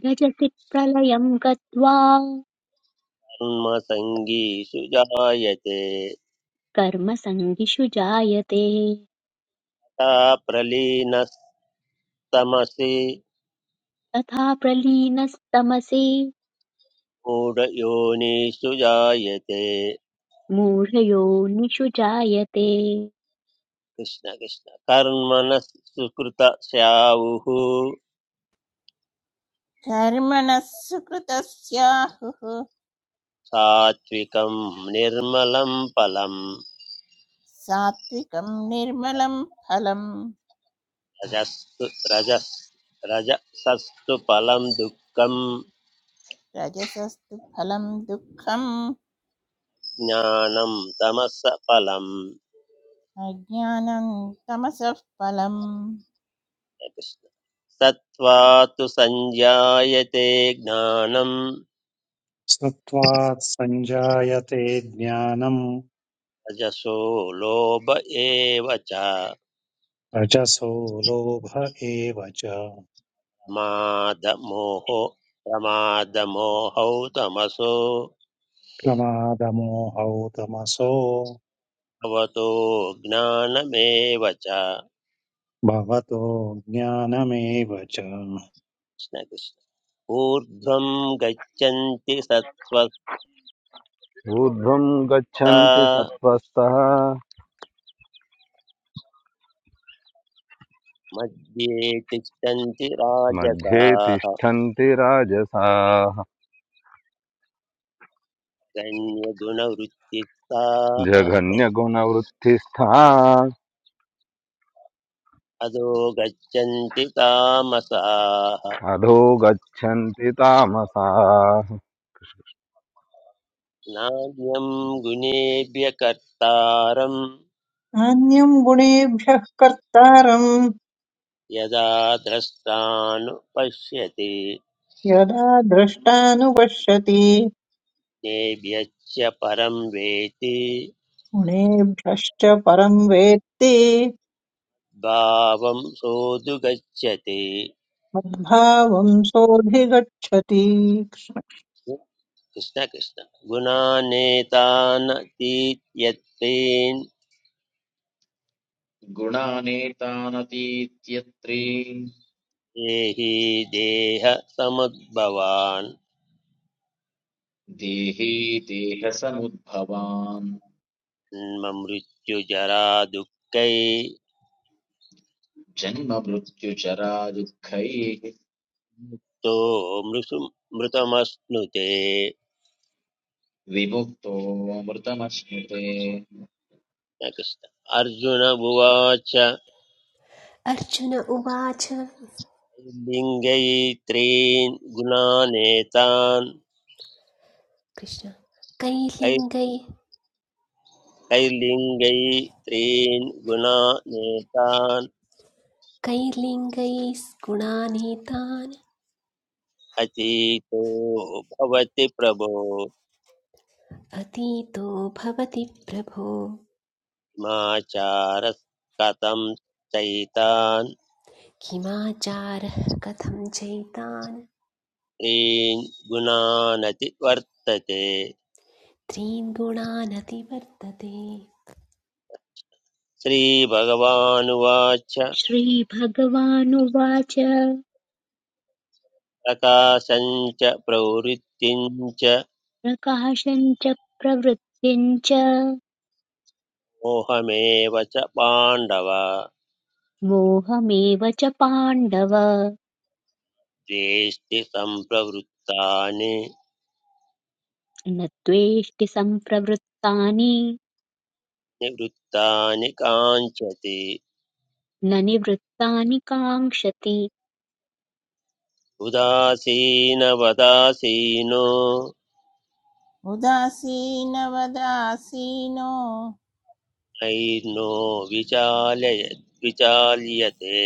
[SPEAKER 2] रजसि प्रलयं गत्वा
[SPEAKER 5] कर्मसङ्गीषु जायते
[SPEAKER 2] कर्मसङ्गिषु जायते
[SPEAKER 5] तथा प्रलीनस्तमसि
[SPEAKER 2] तथा प्रलीनस्तमसि
[SPEAKER 5] मूढयोनिषु जायते
[SPEAKER 2] मूढयोनिषु जायते
[SPEAKER 5] कृष्ण कृष्ण कर्मणः सुकृता स्यावुः
[SPEAKER 1] कर्मणः सुकृतस्याहुः
[SPEAKER 5] सात्विकं निर्मलं फलं
[SPEAKER 1] सात्विकम् निर्मलम फलम्
[SPEAKER 5] रजस्तु रजस् रजसस्तु फलं दुःखं
[SPEAKER 1] राजस्वस्तु फलम् दुःखम्
[SPEAKER 5] ज्ञानं तमस फलं
[SPEAKER 1] अज्ञानं कमस्वप्नम्
[SPEAKER 5] कृष्ण सत्त्वा तु सञ्जायते ज्ञानं
[SPEAKER 3] सत्त्वात् सञ्जायते ज्ञानम्
[SPEAKER 5] रजसो लोभ एव च
[SPEAKER 3] रजसो लोभ एव च
[SPEAKER 5] प्रमादमोहो प्रमादमोहौ
[SPEAKER 3] प्रमादमोहौ तमसो
[SPEAKER 5] भवतो ज्ञानमेव च कृष्ण
[SPEAKER 3] भवतो ज्ञानमेव च
[SPEAKER 5] कृष्ण। ऊर्ध्वं गच्छन्ति सत्त्वस्ता
[SPEAKER 4] ऊर्ध्वम् गच्छन्ति सत्त्वस्तः
[SPEAKER 5] मध्ये तिष्ठन्ति
[SPEAKER 4] मध्ये
[SPEAKER 5] राजसाः
[SPEAKER 4] तिष्ठन्ति राजसाः
[SPEAKER 5] गण्यगुणवृत्तिस्ताः
[SPEAKER 4] जघन्यगुणवृत्तिस्था
[SPEAKER 5] अधो गच्छन्ति तामसाः
[SPEAKER 4] अधो गच्छन्ति तामसाः
[SPEAKER 5] नान्यं गुणेभ्य कर्तारं
[SPEAKER 6] नान्यम् गुणेभ्यः कर्तारम्
[SPEAKER 5] यदा द्रष्टानुपश्यति
[SPEAKER 6] यदा द्रष्टानुपश्यति
[SPEAKER 5] तेभ्यश्च परं वेति
[SPEAKER 6] गुणेभ्यश्च परं वेत्ति
[SPEAKER 5] भावं सोऽधुगच्छति
[SPEAKER 6] मद्भावं सोऽधिगच्छति
[SPEAKER 5] कृष्ण कृष्ण गुणानेतानतीत्यत्वेन्
[SPEAKER 7] गुणानेतानतीत्यत्री
[SPEAKER 5] देहि देह समुद्भवान्
[SPEAKER 7] देहे देहसमुद्भवान्
[SPEAKER 5] जन्म मृत्युजरा दुःखै
[SPEAKER 7] जन्ममृत्युचरा दुःखैः
[SPEAKER 5] मुक्तो मृषु मृतमश्नुते
[SPEAKER 7] विमुक्तोऽमृतमश्नुते
[SPEAKER 5] कृष्ण अर्जुन उवाच
[SPEAKER 8] अर्जुन उवाच
[SPEAKER 5] लिङ्गैत्रीन् गुणानेतान्
[SPEAKER 8] कृष्ण
[SPEAKER 5] कै-
[SPEAKER 8] कैर्लिङ्गै
[SPEAKER 5] कैर्लिङ्गैत्रीन् गुणानेतान्
[SPEAKER 8] कैर्लिङ्गैः गुणानीतान्
[SPEAKER 5] अतीतो भवति प्रभो
[SPEAKER 8] अतीतो भवति प्रभो
[SPEAKER 5] माचार कथं चैतान्
[SPEAKER 8] किमाचारः कथं चैतान्
[SPEAKER 5] त्रीन् गुणानति वर्तते
[SPEAKER 8] त्रीन् गुणानतिवर्तते
[SPEAKER 5] श्रीभगवानुवाच
[SPEAKER 2] श्रीभगवानुवाच
[SPEAKER 5] प्रकाशञ्च प्रवृत्तिञ्च
[SPEAKER 2] प्रकाशम् च प्रवृत्तिम् च
[SPEAKER 5] मोहमेव च पाण्डव
[SPEAKER 2] मोहमेव च पाण्डव
[SPEAKER 5] द्वेष्टि सम्प्रवृत्तानि
[SPEAKER 2] न त्वेष्टि सम्प्रवृत्तानि
[SPEAKER 5] निवृत्तानि काञ्चति
[SPEAKER 2] न निवृत्तानि काङ्क्षति
[SPEAKER 5] उदासीनवदासीनो
[SPEAKER 1] उदासीन वदासीनः
[SPEAKER 5] ऐर्नो विचालय विचाल्यते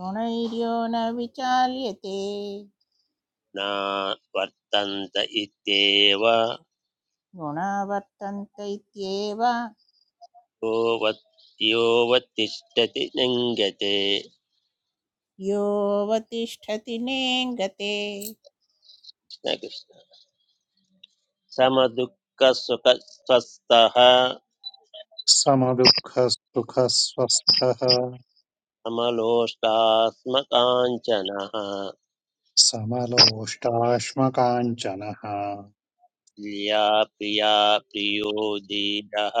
[SPEAKER 1] गोनाइरियो नविचाल्येते
[SPEAKER 5] न वर्तन्त इत्येव
[SPEAKER 1] गोनावतन्ते तीवा
[SPEAKER 5] यो वत् लिङ्गते
[SPEAKER 1] योवति स्थति निंगते
[SPEAKER 5] कृष्णकृष्ण समदुःखसुखस्वस्थः
[SPEAKER 3] समदुःखसुखस्वस्थः
[SPEAKER 5] समलोष्टास्मकाञ्चनः
[SPEAKER 3] समलोष्टाश्मकाञ्चनः
[SPEAKER 5] तुल्या प्रिया प्रियो धीरः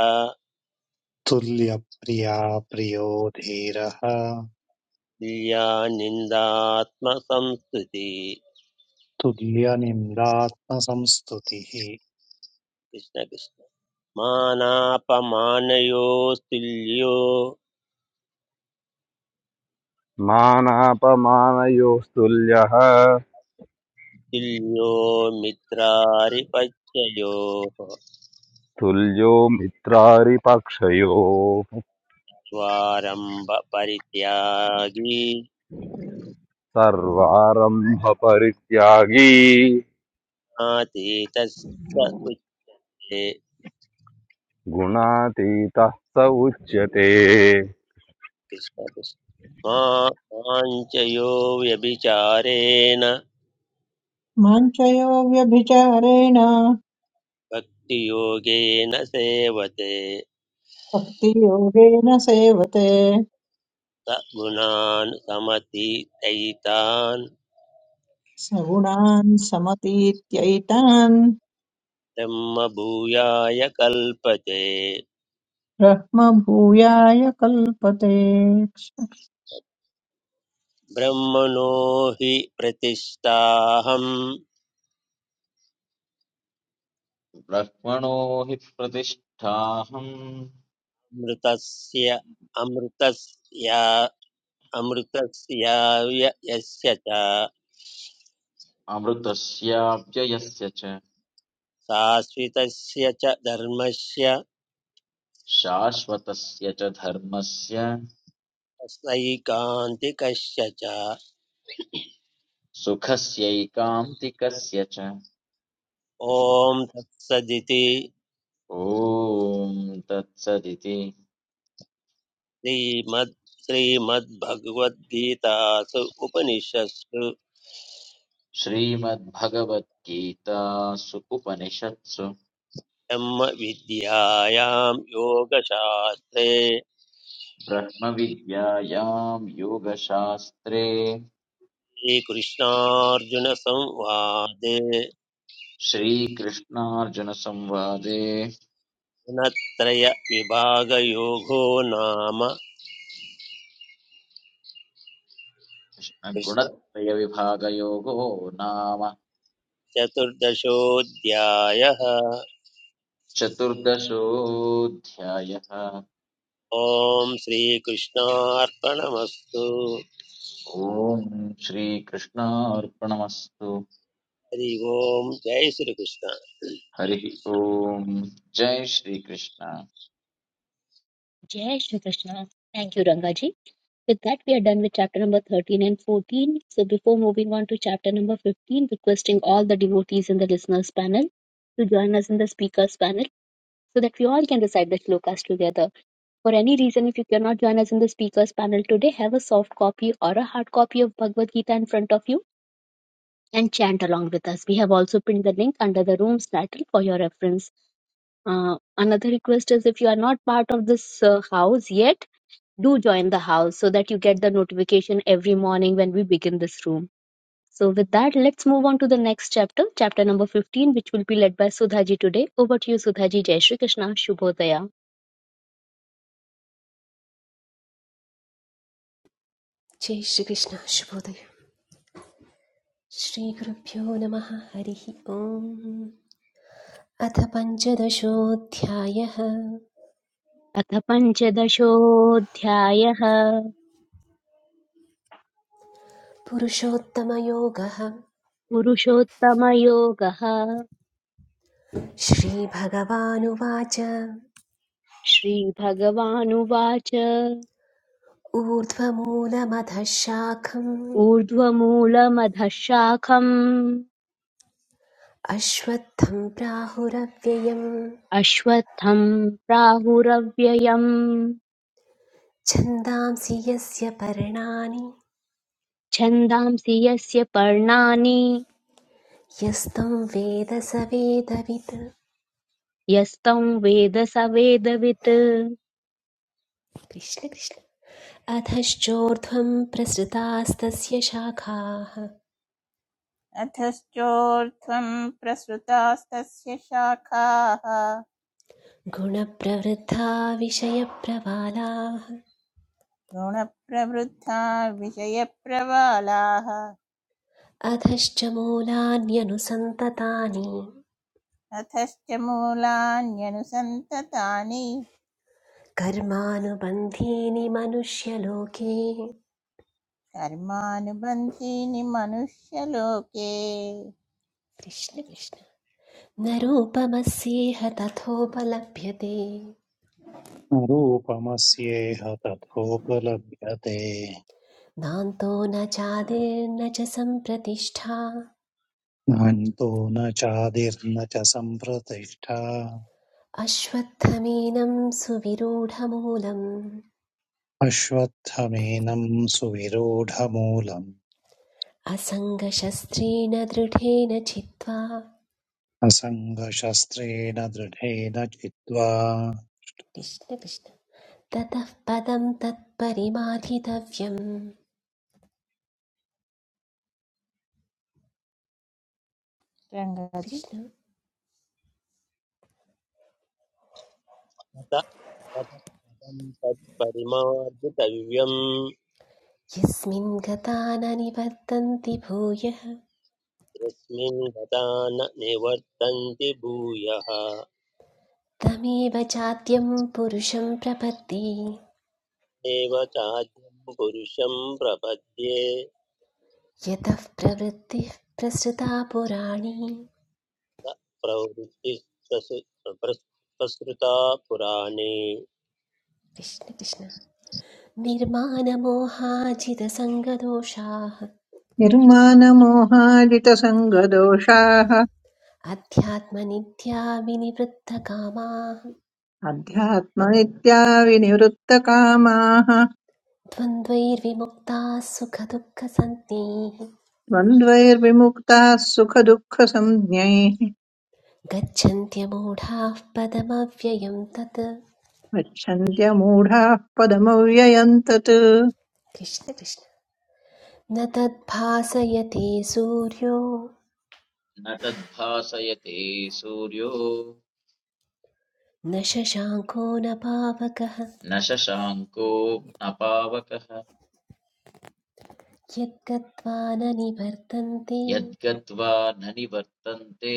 [SPEAKER 3] तुल्यप्रिया प्रियो धीरः
[SPEAKER 5] तुल्या निन्दात्मसंस्तुतिः
[SPEAKER 3] तुल्यनिन्दात्मसंस्तुतिः
[SPEAKER 5] कृष्ण कृष्ण मानापमानयोस्तुल्यो
[SPEAKER 4] मानापमानयोस्तुल्यः
[SPEAKER 5] तुल्यो मित्रारिपत्ययोः
[SPEAKER 4] तुल्यो मित्रारिपक्षयोः
[SPEAKER 5] स्वारम्भ परित्यागी
[SPEAKER 4] सर्वारम्भपरित्यागी
[SPEAKER 5] नातीतस्त उच्ये
[SPEAKER 4] गुणातीतः स उच्यते
[SPEAKER 5] कृष्ण कृष्ण मा- माञ्चयो व्यभिचारेण
[SPEAKER 6] माञ्चयो व्यभिचारेण
[SPEAKER 5] भक्तियोगेन सेवते
[SPEAKER 6] भक्तियोगेन सेवते
[SPEAKER 5] स गुणान् समतीतैतान्
[SPEAKER 6] सगुणान् समतीत्यैतान्
[SPEAKER 5] ब्रह्मभूयाय कल्पते
[SPEAKER 6] ब्रह्मभूयाय कल्पते
[SPEAKER 5] ब्रह्मणो हि प्रतिष्ठाहम्
[SPEAKER 7] ब्रह्मणो हि प्रतिष्ठाहम्
[SPEAKER 5] मृतस्य अमृतस्य अमृतस्य य- यस्य च
[SPEAKER 7] अमृतस्याव्ययस्य च
[SPEAKER 5] शाश्वतस्य च धर्मस्य
[SPEAKER 7] शाश्वतस्य च धर्मस्य
[SPEAKER 5] सैकान्तिकस्य च
[SPEAKER 7] सुखस्यैकान्तिकस्य च
[SPEAKER 5] ॐ तत्सदिति
[SPEAKER 7] ॐ तत्सदिति
[SPEAKER 5] श्रीमद् श्रीमद्भगवद्गीतासु उपनिषत्सु
[SPEAKER 7] श्रीमद्भगवद्गीतासु उपनिषत्सु
[SPEAKER 5] ब्रह्मविद्यायां योगशास्त्रे
[SPEAKER 7] ब्रह्मविद्यायां योगशास्त्रे
[SPEAKER 5] श्रीकृष्णार्जुनसंवादे
[SPEAKER 7] श्रीकृष्णार्जुनसंवादे
[SPEAKER 5] गुणत्रय विभागयोगो नाम कृष्ण
[SPEAKER 7] कृष्णगुणत्रयविभागयोगो नाम
[SPEAKER 5] चतुर्दशोऽध्यायः
[SPEAKER 7] चतुर्दशोऽध्यायः
[SPEAKER 5] ॐ श्रीकृष्णार्पणमस्तु
[SPEAKER 7] ॐ श्रीकृष्णार्पणमस्तु
[SPEAKER 5] हरि ओम् जय श्रीकृष्ण
[SPEAKER 7] हरिः ॐ जय Shri Krishna
[SPEAKER 2] Jai Shri Krishna. Thank you, Rangaji. With that, we are done with chapter number 13 and 14. So, before moving on to chapter number 15, requesting all the devotees in the listeners' panel to join us in the speakers' panel so that we all can recite the shlokas together. For any reason, if you cannot join us in the speakers panel today, have a soft copy or a hard copy of Bhagavad Gita in front of you and chant along with us. We have also pinned the link under the room's title for your reference. Uh, another request is if you are not part of this uh, house yet, do join the house so that you get the notification every morning when we begin this room. So, with that, let's move on to the next chapter, chapter number 15, which will be led by Sudhaji today. Over to you, Sudhaji. Jai Shri Krishna. Shubhodaya.
[SPEAKER 8] जय श्रीकृष्ण शुभोदय श्रीगुरुभ्यो नमः हरिः ओम् अथ पञ्चदशोऽध्यायः
[SPEAKER 2] अथ पञ्चदशोऽध्यायः
[SPEAKER 8] पुरुषोत्तमयोगः
[SPEAKER 2] पुरुषोत्तमयोगः
[SPEAKER 8] श्रीभगवानुवाच
[SPEAKER 2] श्रीभगवानुवाच
[SPEAKER 8] ऊर्ध्वमूलमधः शाखम्
[SPEAKER 2] ऊर्ध्वमूलमधः शाखम्
[SPEAKER 8] अश्वत्थं प्राहुरव्ययम्
[SPEAKER 2] अश्वत्थम् प्राहुरव्ययम्
[SPEAKER 8] छन्दांसि यस्य पर्णानि
[SPEAKER 2] छन्दांसि यस्य पर्णानि
[SPEAKER 8] यस्तं वेद स वेदवित्
[SPEAKER 2] यस्तं वेद स वेदवित्
[SPEAKER 8] कृष्ण कृष्ण अधश्चोर्ध्वं प्रसृतास्तस्य शाखाः
[SPEAKER 1] अथस्तोर्थम् प्रस्वतास्तस्यशाकः
[SPEAKER 8] गुणप्रवृद्धा विषयप्रवालाः
[SPEAKER 1] गुणप्रवृद्धा विषयप्रवालाः
[SPEAKER 8] अधश्च मूलान्यनुसन्ततानि
[SPEAKER 1] अथश्च मूलान्यनुसन्ततानि
[SPEAKER 8] कर्मानुबन्धीनि मनुष्यलोके
[SPEAKER 1] कर्मानुबन्धीनि मनुष्यलोके कृष्ण
[SPEAKER 8] कृष्ण
[SPEAKER 1] कृष्ण
[SPEAKER 8] कृष्ण न रूपमस्येह तथोपलभ्यते
[SPEAKER 3] रूपमस्येह तथोपलभ्यते
[SPEAKER 8] नान्तो न चादिर्न च सम्प्रतिष्ठा
[SPEAKER 3] नान्तो न चादिर्न च सम्प्रतिष्ठा
[SPEAKER 8] अश्वत्थमेनं सुविरूढमूलं।
[SPEAKER 3] अश्वत्थमेनं सुविरूढमूलम्
[SPEAKER 8] असङ्गशस्त्रेण दृढेन चित्वा
[SPEAKER 3] असङ्गशस्त्रेण दृढेन चित्वा
[SPEAKER 8] कृष्ण कृष्ण ततः पदं तत्परिमार्जितव्यम्
[SPEAKER 1] रङ्गाजी
[SPEAKER 8] कृष्ण
[SPEAKER 5] तत तत पदं तत्परिमार्जितव्यम्
[SPEAKER 8] यस्मिन् गता न निवर्तन्ति भूयः
[SPEAKER 5] यस्मिन् गता न निवर्तन्ति भूयः
[SPEAKER 8] तमेव चाद्यं पुरुषं प्रपत्ति
[SPEAKER 5] एव चाद्यं पुरुषं प्रपद्ये
[SPEAKER 8] यतः प्रवृत्तिः प्रसृता पुराणी
[SPEAKER 5] स प्रवृत्तिः प्रसु- प्रस्- प्रसृता पुराणे
[SPEAKER 8] कृष्ण कृष्ण निर्मानमोहाजितसङ्गदोषाः
[SPEAKER 6] निर्मानमोहाजितसङ्गदोषाः
[SPEAKER 8] अध्यात्मनित्या विनिवृत्तकामाः
[SPEAKER 6] अध्यात्म इत्याविनिवृत्तकामाः
[SPEAKER 8] द्वन्द्वैर्विमुक्ताः सुखदुःखसञ्ज्ञैः
[SPEAKER 6] द्वन्द्वैर्विमुक्ताः सुखदुःखसंज्ञैः
[SPEAKER 8] गच्छन्त्यमूढाः पदमव्ययं तत्
[SPEAKER 6] गच्छन्त्यमूढाः पदमव्ययम् तत्
[SPEAKER 8] कृष्ण कृष्ण न तद्भासयते सूर्यो
[SPEAKER 7] न तद्भासयते सूर्यो
[SPEAKER 8] न शशाङ्को न पावकः
[SPEAKER 7] न शशाङ्को न पावकः
[SPEAKER 8] यद्गत्वा न निवर्तन्ते
[SPEAKER 7] यद्गत्वा न निवर्तन्ते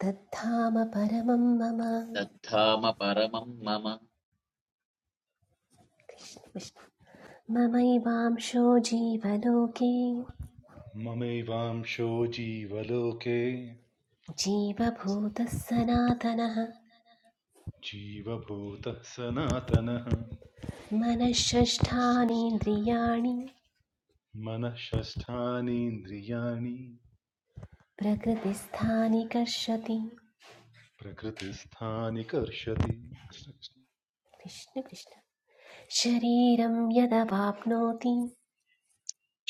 [SPEAKER 8] तद्धाम परमं मम
[SPEAKER 7] तद्धाम परमं मम
[SPEAKER 8] ममैवांशो जीवलोके
[SPEAKER 9] ममैवांशो जीवलोके
[SPEAKER 8] जीवभूतः सनातनः
[SPEAKER 9] जीवभूतः सनातनः
[SPEAKER 8] मनःषष्ठानीन्द्रियाणि
[SPEAKER 9] मनःषष्ठानीन्द्रियाणि
[SPEAKER 8] प्रकृतिस्थानि कर्षति
[SPEAKER 9] प्रकृतिस्थानि कर्षति
[SPEAKER 8] कृष्ण कृष्ण शरीरं यदवाप्नोति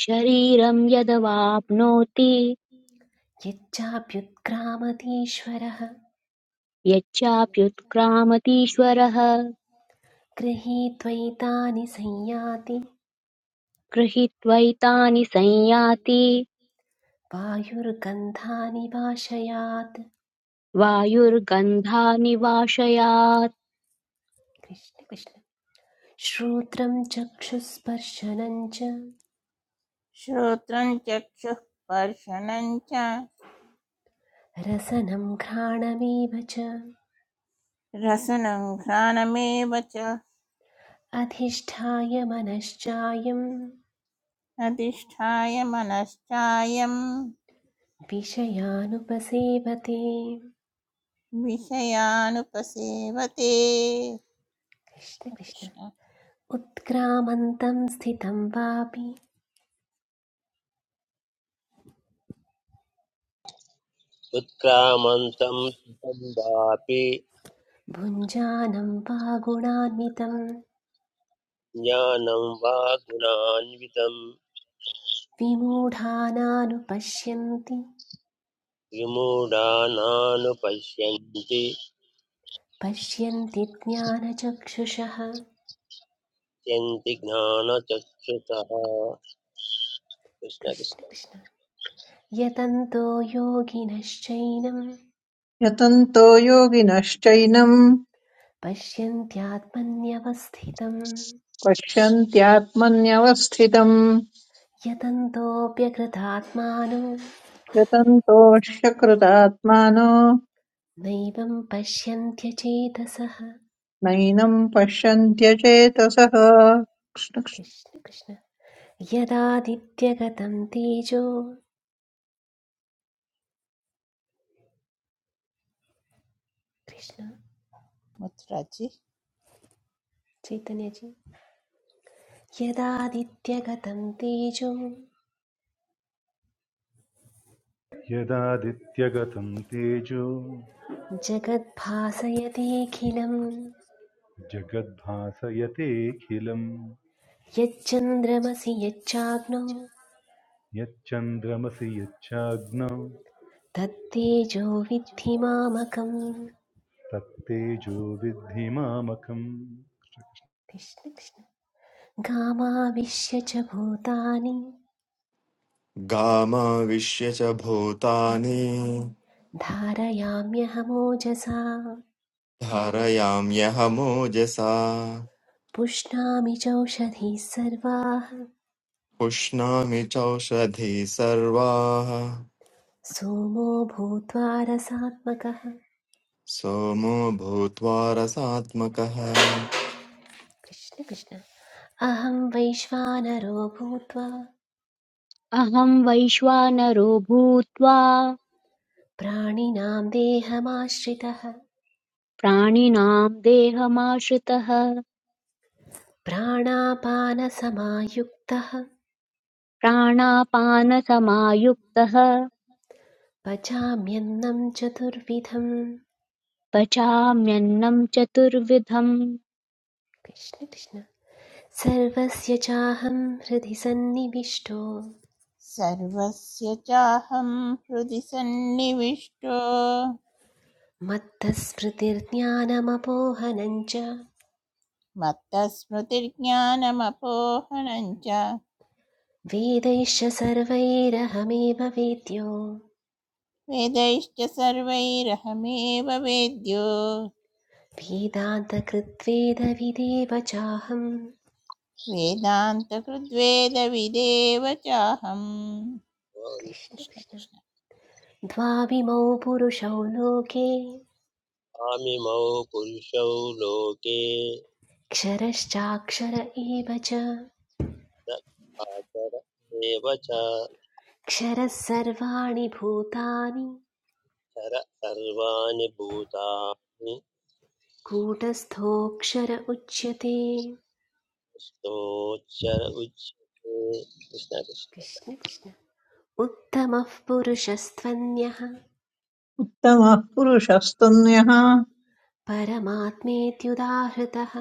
[SPEAKER 2] शरीरं यदवाप्नोति
[SPEAKER 8] यच्चाप्युत्क्रामतीश्वरः
[SPEAKER 2] यच्चाप्युत्क्रामतीश्वरः
[SPEAKER 8] गृहीत्वैतानि संयाति
[SPEAKER 2] गृहीत्वैतानि संयाति
[SPEAKER 8] वायुर्गन्धानि वाशयात्
[SPEAKER 2] वायुर्गन्धानि वाशयात्
[SPEAKER 8] कृष्ण कृष्ण श्रोत्रं चक्षुस्पर्शनं च
[SPEAKER 1] श्रोत्रं चक्षुः स्पर्शनं च
[SPEAKER 8] रसनं घ्राणमेव च
[SPEAKER 1] रसनं घ्राणमेव च
[SPEAKER 8] अधिष्ठाय मनश्चायं
[SPEAKER 1] अधिष्ठाय मनश्चायं
[SPEAKER 8] विषयानुपसेवते
[SPEAKER 1] विषयानुपसेवते
[SPEAKER 8] कृष्ण कृष्ण
[SPEAKER 1] कृष्ण
[SPEAKER 8] उत्क्रामन्तं स्थितं वापि
[SPEAKER 5] उत्क्रामन्तं सुखं वापि
[SPEAKER 8] भुञ्जानं वा गुणान्वितं
[SPEAKER 5] ज्ञानं वा गुणान्वितं
[SPEAKER 8] विमूढानानुपश्यन्ति
[SPEAKER 5] विमूढानानुपश्यन्ति
[SPEAKER 8] पश्यन्ति ज्ञानचक्षुषः
[SPEAKER 5] यन्ति ज्ञानचक्षुषः
[SPEAKER 8] कृष्ण
[SPEAKER 5] कृष्णकृष्ण
[SPEAKER 8] कृष्ण यतन्तो योगिनश्चैनं
[SPEAKER 6] यतन्तो योगिनश्चैनम्
[SPEAKER 8] पश्यन्त्यात्मन्यवस्थितं
[SPEAKER 6] पश्यन्त्यात्मन्यवस्थितम्
[SPEAKER 8] यतन्तोऽप्यकृतात्मानो
[SPEAKER 6] यतन्तोऽश्यकृतात्मानो
[SPEAKER 8] नैवं पश्यन्त्यचेतसः
[SPEAKER 6] नैनम् पश्यन्त्यचेतसः कृष्णकृष्णतमः
[SPEAKER 8] कृष्ण कृष्ण यदादित्यगतं तेजो कृष्ण
[SPEAKER 1] मुत्राजी
[SPEAKER 8] चैतन्यजी यदादित्यगतं तेजो
[SPEAKER 9] यदादित्यगतं तेजो
[SPEAKER 8] जगद्भासयतेऽखिलम्
[SPEAKER 9] जगद्भासयतेऽखिलम्
[SPEAKER 8] यच्चन्द्रमसि यच्चाग्नौ
[SPEAKER 9] यच्चन्द्रमसि यच्चाग्नौ
[SPEAKER 8] तत्तेजो विद्धि मामकम्
[SPEAKER 9] तत्तेजो विद्धि मामकम्
[SPEAKER 8] कृष्ण कृष्ण गामाविश्य च भूतानि
[SPEAKER 10] गामाविश्य च भूतानि
[SPEAKER 8] धारयाम्यहमोजसा
[SPEAKER 10] धारयाम्यह मोजसा
[SPEAKER 8] पुष्णामि चौषधीः सर्वाः
[SPEAKER 10] पुष्णामि चौषधी सर्वाः
[SPEAKER 8] सोमो भूत्वा रसात्मकः
[SPEAKER 10] सोमो भूत्वा रसात्मकः
[SPEAKER 8] कृष्ण कृष्ण अहं वैश्वानरो भूत्वा
[SPEAKER 2] अहं वैश्वानरो भूत्वा
[SPEAKER 8] प्राणिनां देहमाश्रितः
[SPEAKER 2] प्राणिनां देहमाश्रितः
[SPEAKER 8] प्राणापानसमायुक्तः
[SPEAKER 2] प्राणापानसमायुक्तः
[SPEAKER 8] पचाम्यन्नं चतुर्विधम्
[SPEAKER 2] पचाम्यन्नं चतुर्विधम्
[SPEAKER 8] कृष्ण कृष्ण सर्वस्य चाहं हृदि सन्निविष्टो
[SPEAKER 1] सर्वस्य चाहं हृदि सन्निविष्टो
[SPEAKER 8] मत्तस्मृतिर्ज्ञानमपोहनं च
[SPEAKER 1] मत्तस्मृतिर्ज्ञानमपोहनं च
[SPEAKER 8] वेदैश्च सर्वैरहमेव वेद्यो
[SPEAKER 1] वेदैश्च सर्वैरहमेव वेद्यो
[SPEAKER 8] वेदान्तकृत्वेदविदेव चाहम्
[SPEAKER 1] वेदान्तकृद्वेदविदेव चाहम्
[SPEAKER 8] कृष्ण
[SPEAKER 1] कृष्ण
[SPEAKER 8] कृष्ण
[SPEAKER 1] कृष्ण
[SPEAKER 8] द्वाविमौ पुरुषौ लोके
[SPEAKER 5] स्वामिमौ पुरुषौ लोके
[SPEAKER 8] क्षरश्चाक्षर एव च
[SPEAKER 5] न आचर एव च चर
[SPEAKER 8] क्षरः सर्वाणि भूतानि
[SPEAKER 5] सर्वाणि भूतानि
[SPEAKER 8] कूटस्थोऽक्षर उच्यते
[SPEAKER 5] कृष्णोच्चर उच्यते कृष्णकृष्ण
[SPEAKER 8] कृष्ण कृष्ण उत्तमः पुरुषस्त्वन्यः
[SPEAKER 6] पुरुषस्तुन्यः
[SPEAKER 8] परमात्मेत्युदाहृतः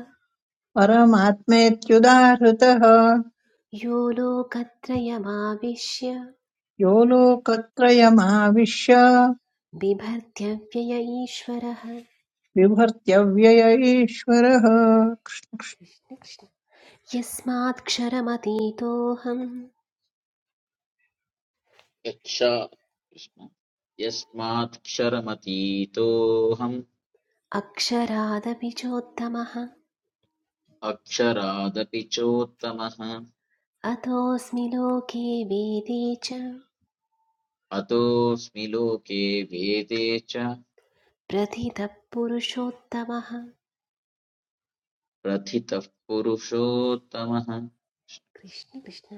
[SPEAKER 6] परमात्मेत्युदाहृतः
[SPEAKER 8] यो लोकत्रयमाविश्य
[SPEAKER 6] यो लोकत्रयमाविश्य
[SPEAKER 8] बिभर्त्यव्यय ईश्वरः
[SPEAKER 6] विभर्त्यव्यय ईश्वरः
[SPEAKER 8] कृष्ण कृष्ण यस्मात्क्षरमतीतोऽहम्
[SPEAKER 7] यक्षा यस्माक्षरमतीतोऽहम्
[SPEAKER 8] अक्षरादपि चोत्तमः
[SPEAKER 7] अक्षरादपि चोत्तमः
[SPEAKER 8] अतोऽस्मि लोके वेदे च
[SPEAKER 7] अतोऽस्मि लोके वेदे च
[SPEAKER 8] प्रथितः पुरुषोत्तमः
[SPEAKER 7] प्रथितः पुरुषोत्तमः
[SPEAKER 8] कृष्ण कृष्ण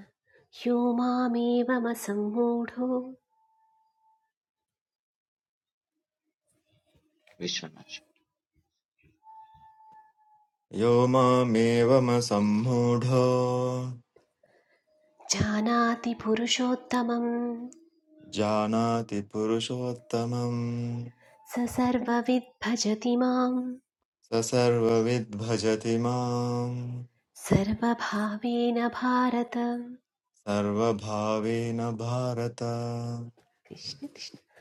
[SPEAKER 8] यो मामेवमसम्मूढो
[SPEAKER 7] विश्वनाथ
[SPEAKER 10] यो मामेवमसम्मूढो
[SPEAKER 8] जानाति पुरुषोत्तमं
[SPEAKER 10] जानाति पुरुषोत्तमम्
[SPEAKER 8] स सर्वविद् भजति मां
[SPEAKER 10] स सर्वविद्भजति माम्
[SPEAKER 8] सर्वभावेन भारत कृष्ण
[SPEAKER 10] सर्वभावेन भारत
[SPEAKER 8] कृष्ण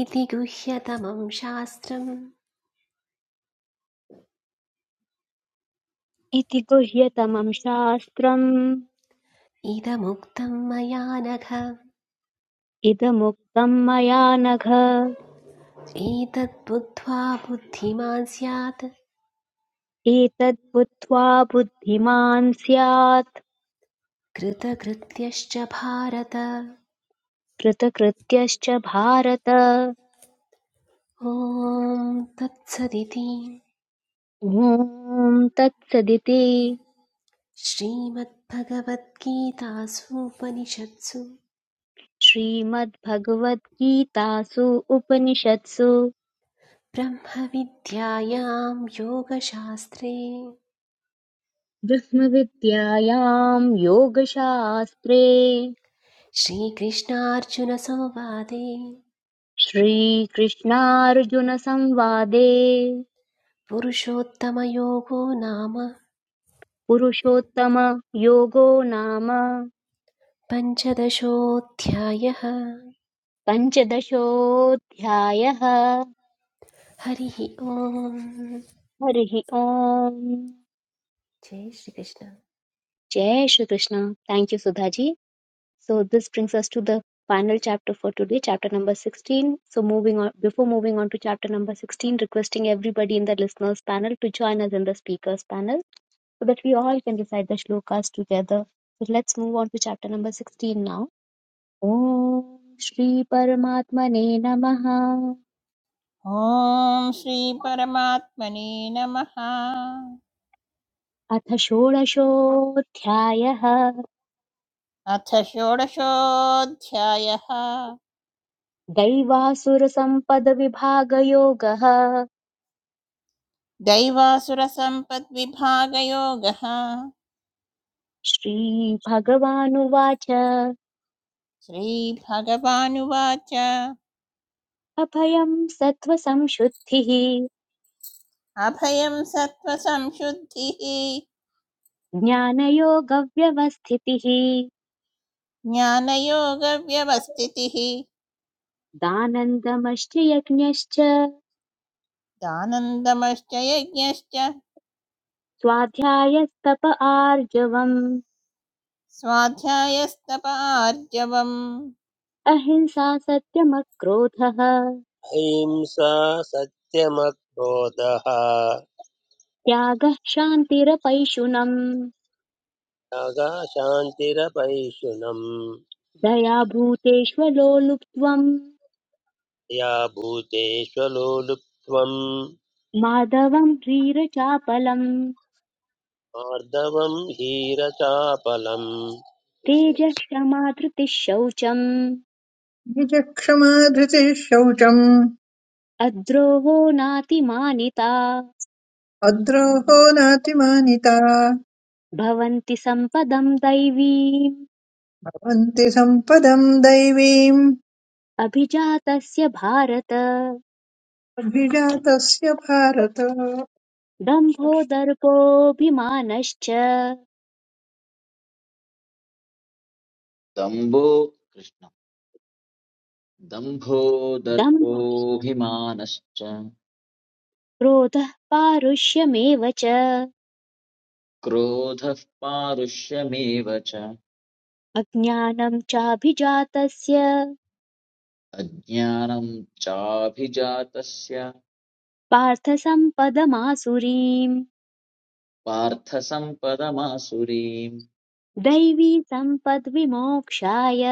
[SPEAKER 8] इति गुह्यतमं शास्त्रम्
[SPEAKER 2] इति गुह्यतमं शास्त्रम्
[SPEAKER 8] इदमुक्तं मया नघ
[SPEAKER 2] इदमुक्तं मया नघ
[SPEAKER 8] एतद्बुद्ध्वा बुद्धिमान् स्यात्
[SPEAKER 2] एतद्बुद्ध्वा बुद्धिमान् स्यात्
[SPEAKER 8] कृतकृत्यश्च भारत
[SPEAKER 2] कृतकृत्यश्च भारत
[SPEAKER 8] ॐ तत्सदिति
[SPEAKER 2] ॐ तत्सदिति
[SPEAKER 8] श्रीमद्भगवद्गीतासूपनिषत्सु
[SPEAKER 2] श्रीमद्भगवद्गीतासु उपनिषत्सु
[SPEAKER 8] ब्रह्मविद्यायां योगशास्त्रे
[SPEAKER 2] ब्रह्मविद्यायाम् योगशास्त्रे
[SPEAKER 8] श्रीकृष्णार्जुनसंवादे
[SPEAKER 2] श्रीकृष्णार्जुनसंवादे
[SPEAKER 8] पुरुषोत्तमयोगो नाम
[SPEAKER 2] पुरुषोत्तमयोगो नाम
[SPEAKER 8] पञ्चदशोऽध्यायः
[SPEAKER 2] पञ्चदशोऽध्यायः
[SPEAKER 8] हरिः ॐ
[SPEAKER 2] हरिः ओम्
[SPEAKER 8] जय श्रीकृष्ण
[SPEAKER 2] जय Shri Krishna thank you Sudha ji So this brings us to the final chapter for today, chapter number 16. So moving on, before moving on to chapter number 16, requesting everybody in the listeners panel to join us in the speakers panel so that we all can recite the shlokas together. So let's move on to chapter number 16 now. Om Shri Paramatmane Namaha
[SPEAKER 1] ॐ श्रीपरमात्मने नमः
[SPEAKER 2] Atha अथ Shri
[SPEAKER 1] अथ षोडशोऽध्यायः
[SPEAKER 2] Bhagavan
[SPEAKER 1] दैवासुरसम्पद्विभागयोगः
[SPEAKER 2] श्रीभगवानुवाच
[SPEAKER 1] श्रीभगवानुवाच
[SPEAKER 2] अभयं सत्त्वसंशुद्धिः
[SPEAKER 1] अभयं सत्त्वसंशुद्धिः
[SPEAKER 2] ज्ञानयोगव्यवस्थितिः
[SPEAKER 1] ज्ञानयोगव्यवस्थितिः
[SPEAKER 2] दानन्दमश्च यज्ञश्च
[SPEAKER 1] दानन्दमश्च यज्ञश्च
[SPEAKER 2] स्वाध्यायस्तप आर्जवम्
[SPEAKER 1] स्वाध्यायस्तप आर्जवम्
[SPEAKER 2] अहिंसा सत्यमक्रोधः
[SPEAKER 5] अहिंसा सत्यमक्रोधः
[SPEAKER 2] त्यागः शान्तिरपैशुनम्
[SPEAKER 5] त्यागा शान्तिरपैशुनम्
[SPEAKER 2] दया भूतेष्वलो लुप्त्वम्
[SPEAKER 5] या भूतेष्वलोलुप्त्वम्
[SPEAKER 2] माधवम् ह्रीरचापलम्
[SPEAKER 5] आर्दवम् हीरचापलम्
[SPEAKER 2] तेजः क्षमा धृतिः शौचम्
[SPEAKER 6] निजक्षमा धृतिः शौचम्
[SPEAKER 2] अद्रोहो नातिमानिता
[SPEAKER 6] अद्रोहो नातिमानिता
[SPEAKER 2] भवन्ति सम्पदम् दैवीम्
[SPEAKER 6] भवन्ति सम्पदम् दैवीम्
[SPEAKER 2] अभिजातस्य भारत
[SPEAKER 6] अभिजातस्य भारत
[SPEAKER 2] दम्भो दर्पोऽभिमानश्च
[SPEAKER 7] दम्भो कृष्ण दम्भो
[SPEAKER 2] दम्भः
[SPEAKER 7] दर्पोऽभिमानश्च
[SPEAKER 2] क्रोधः पारुष्यमेव च
[SPEAKER 7] क्रोधः पारुष्यमेव च
[SPEAKER 2] अज्ञानम् चाभिजातस्य
[SPEAKER 7] अज्ञानम् चाभिजातस्य
[SPEAKER 2] पार्थ सम्पदमासुरीम्
[SPEAKER 7] पार्थसम्पदमासुरीम्
[SPEAKER 2] दैवी सम्पद्विमोक्षाय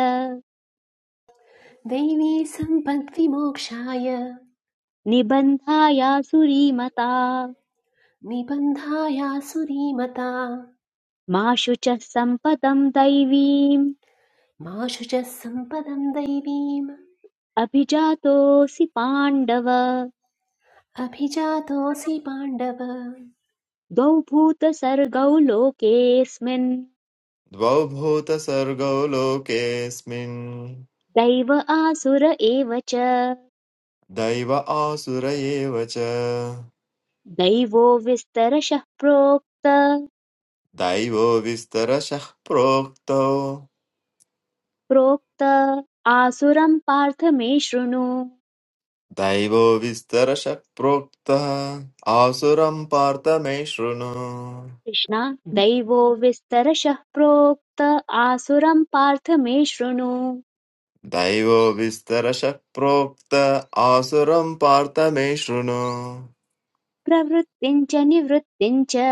[SPEAKER 8] दैवी सम्पद्विमोक्षाय
[SPEAKER 2] निबन्धायासुरीमता
[SPEAKER 8] निबन्धायासुरीमता
[SPEAKER 2] मा शुचः सम्पदम् दैवीम्
[SPEAKER 8] मा शुचः सम्पदं दैवीम्
[SPEAKER 2] अभिजातोऽसि पाण्डव
[SPEAKER 8] अभिजातोऽसि पाण्डव
[SPEAKER 2] द्वौ भूतसर्गौ लोकेऽस्मिन्
[SPEAKER 10] द्वौ भूतसर्गौ लोकेऽस्मिन्
[SPEAKER 2] दैव आसुर एव च
[SPEAKER 10] दैव आसुर एव च
[SPEAKER 2] दैवो विस्तरशः प्रोक्त
[SPEAKER 10] दैवो विस्तरशः प्रोक्तौ
[SPEAKER 2] प्रोक्त आसुरं पार्थ मे शृणु
[SPEAKER 10] दैवो विस्तरशः प्रोक्तः आसुरं पार्थ मे शृणु
[SPEAKER 2] कृष्ण दैवो विस्तरशः प्रोक्त आसुरं पार्थ मे शृणु
[SPEAKER 10] दैवो विस्तरशः प्रोक्त आसुरं पार्थ मे शृणु
[SPEAKER 2] प्रवृत्तिम् च निवृत्तिम् च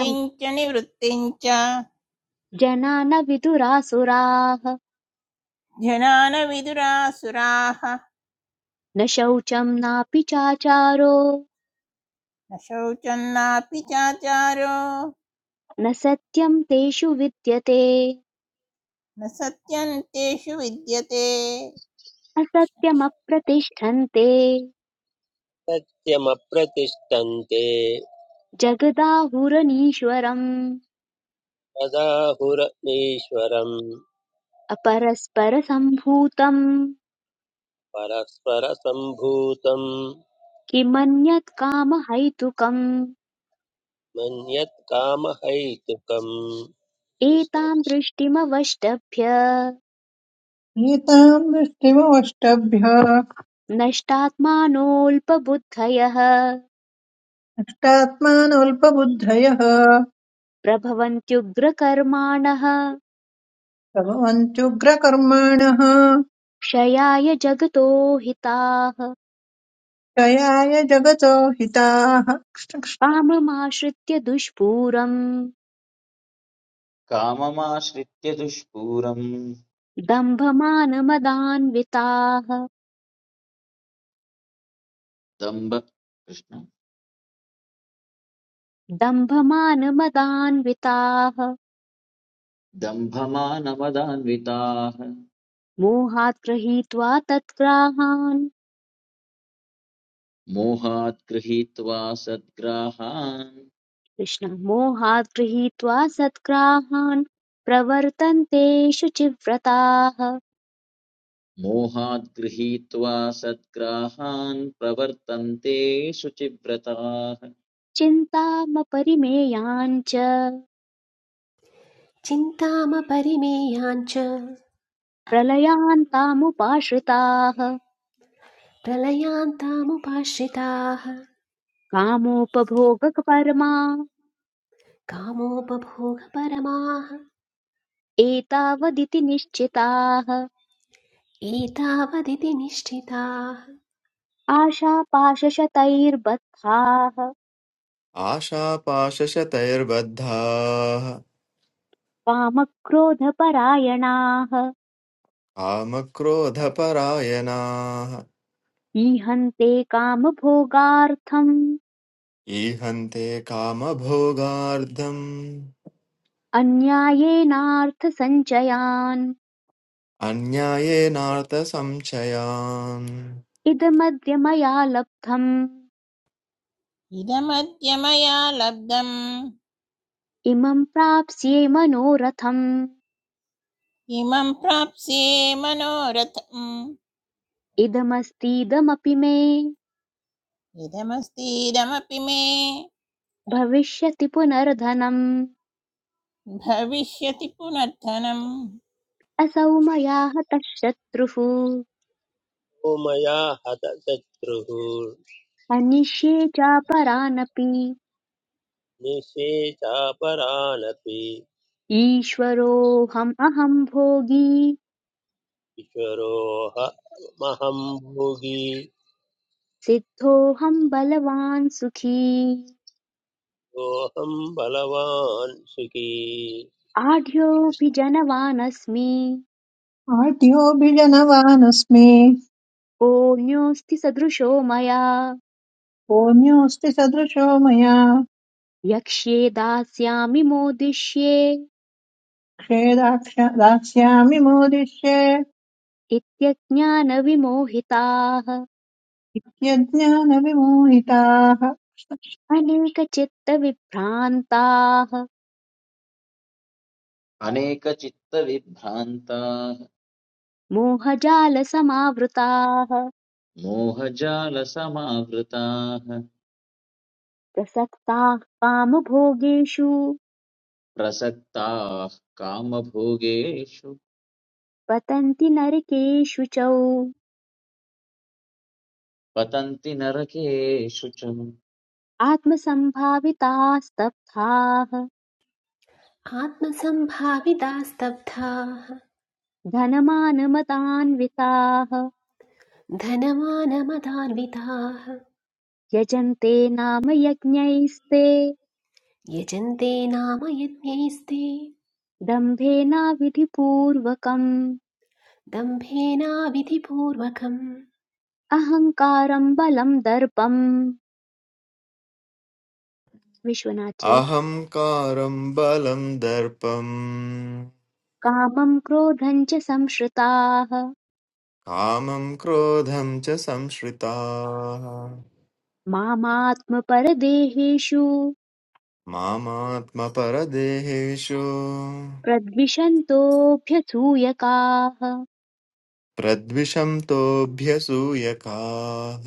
[SPEAKER 2] रं-
[SPEAKER 1] च निवृत्तिं च
[SPEAKER 2] जना न विदुरासुराः
[SPEAKER 1] ध्यानविदुरासुराः
[SPEAKER 2] न शौचं नापि चाचारो
[SPEAKER 1] न शौचन्नापि चाचारो
[SPEAKER 2] न सत्यं तेषु विद्यते
[SPEAKER 1] न सत्यन्तेषु विद्यते
[SPEAKER 2] असत्यमप्रतिष्ठन्ते
[SPEAKER 5] सत्यमप्रतिष्ठन्ते
[SPEAKER 2] जगदाहुरनीश्वरम्
[SPEAKER 5] तदाहुरनीश्वरम्
[SPEAKER 2] अपरस्परसम्भूतम्
[SPEAKER 5] परस्परसम्भूतम्
[SPEAKER 2] किमन्यत्कामहैतुकम्
[SPEAKER 5] मन्यत्कामहैतुकम्
[SPEAKER 2] एतां
[SPEAKER 5] कृष्णकृष्णो
[SPEAKER 2] दृष्टिमवष्टभ्य
[SPEAKER 6] एताम् दृष्टिमवष्टभ्य
[SPEAKER 2] नष्टात्मानोऽल्पबुद्धयः
[SPEAKER 6] नष्टात्मानोऽल्पबुद्धयः
[SPEAKER 2] प्रभवन्त्युग्रकर्माणः
[SPEAKER 6] प्रभवन्त्युग्रकर्माणः
[SPEAKER 2] क्षयाय जगतो हिताः
[SPEAKER 6] जयाय जगतो हिताः कृष्ण कृष्ण।
[SPEAKER 2] काममाश्रित्य दुष्पूरम्
[SPEAKER 7] काममाश्रित्य दुष्पूरम्
[SPEAKER 2] दम्भमानमदान्विताः
[SPEAKER 7] दम्भ कृष्ण
[SPEAKER 2] दम्भमानमदान्विताः
[SPEAKER 7] दम्भमानमदान्विताः
[SPEAKER 2] मोहात् गृहीत्वा तत्ग्राहान्
[SPEAKER 7] मोहात् गृहीत्वा सद्ग्राहान्
[SPEAKER 2] कृष्ण मोहात् गृहीत्वा सत्ग्राहान् प्रवर्तन्ते शुचिव्रताः
[SPEAKER 7] मोहात् गृहीत्वा सद्ग्राहान् प्रवर्तन्ते शुचिव्रताः
[SPEAKER 2] चिन्तामपरिमेयान् च
[SPEAKER 8] चिन्तामपरिमेयाञ्च
[SPEAKER 2] प्रलयान्तामुपाश्रिताः
[SPEAKER 8] प्रलयान्तामुपाश्रिताः
[SPEAKER 2] कामोपभोगकपरमा
[SPEAKER 8] कामोपभोगपरमाः
[SPEAKER 2] एतावदिति निश्चिताः
[SPEAKER 8] एतावदिति निश्चिताः
[SPEAKER 2] आशापाशशतैर्बद्धाः
[SPEAKER 10] आशापाशशतैर्बद्धाः
[SPEAKER 2] कामक्रोधपरायणाः
[SPEAKER 10] कामक्रोधपरायणाः
[SPEAKER 2] ईहन्ते कामभोगार्थम्
[SPEAKER 10] ईहन्ते कामभोगार्थम्
[SPEAKER 2] अन्यायेनार्थसञ्चयान्
[SPEAKER 10] अन्यायेनार्थसंशयान्
[SPEAKER 2] इदमद्य मया लब्धम्
[SPEAKER 1] इदमद्य मया लब्धम्
[SPEAKER 2] इमं प्राप्स्ये मनोरथम्
[SPEAKER 1] इमं प्राप्स्ये मनोरथम्
[SPEAKER 2] इदमस्तीदमपि मे
[SPEAKER 1] इदमस्तीदमपि मे
[SPEAKER 2] भविष्यति पुनर्धनम्
[SPEAKER 1] भविष्यति पुनर्थनम्
[SPEAKER 2] असौ मया हतः शत्रुः
[SPEAKER 5] मया हत शत्रुः
[SPEAKER 2] हनिष्ये चापरानपि
[SPEAKER 5] निःशेषापरानपि
[SPEAKER 2] ईश्वरोऽहम् अहम् भोगी
[SPEAKER 5] किशोरोह महं भोगी
[SPEAKER 2] सिद्धोऽहम् बलवान् सुखी
[SPEAKER 5] सोऽहं बलवान् सुखी
[SPEAKER 2] आढ्योऽपि जनवानस्मि
[SPEAKER 6] आढ्योऽभिजनवानस्मि
[SPEAKER 2] कोऽन्योऽस्ति सदृशो मया
[SPEAKER 6] पुण्योऽस्ति सदृशो मया
[SPEAKER 2] यक्ष्ये दास्यामि मोदिष्ये
[SPEAKER 6] क्षेदाक्ष दास्यामि मोदिष्ये
[SPEAKER 2] इत्यज्ञानविमोहिताः
[SPEAKER 6] यज्ञानविमोहिताः
[SPEAKER 2] अनेकचित्तविभ्रान्ताः
[SPEAKER 7] अनेकचित्तविभ्रान्ताः
[SPEAKER 2] मोहजालसमावृताः
[SPEAKER 7] मोहजालसमावृताः
[SPEAKER 2] प्रसक्ताः कामभोगेषु
[SPEAKER 7] प्रसक्ताः कामभोगेषु
[SPEAKER 2] पतन्ति नरकेषु च
[SPEAKER 7] पतन्ति नरकेषु च
[SPEAKER 2] आत्मसम्भाविताः स्तब्धाः
[SPEAKER 8] आत्मसम्भाविता स्तब्धाः
[SPEAKER 2] धनमानमतान्विताः
[SPEAKER 8] धनमानमदान्विताः
[SPEAKER 2] यजन्ते नाम यज्ञैस्ते
[SPEAKER 8] यजन्ते नाम यज्ञैस्ते
[SPEAKER 2] दम्भेनाविधिपूर्वकम्
[SPEAKER 8] दम्भेनाविधिपूर्वकम्
[SPEAKER 2] अहङ्कारम् बलम् दर्पम् विश्वनाथी
[SPEAKER 10] अहङ्कारं बलं दर्पम्
[SPEAKER 2] कामम् क्रोधम् च संश्रिताः
[SPEAKER 10] कामं क्रोधं च संश्रिताः
[SPEAKER 2] मामात्मपरदेहेषु
[SPEAKER 10] मामात्मपरदेहेषु
[SPEAKER 2] प्रद्विषन्तोऽभ्यसूयकाः
[SPEAKER 10] प्रद्विषन्तोऽभ्यसूयकाः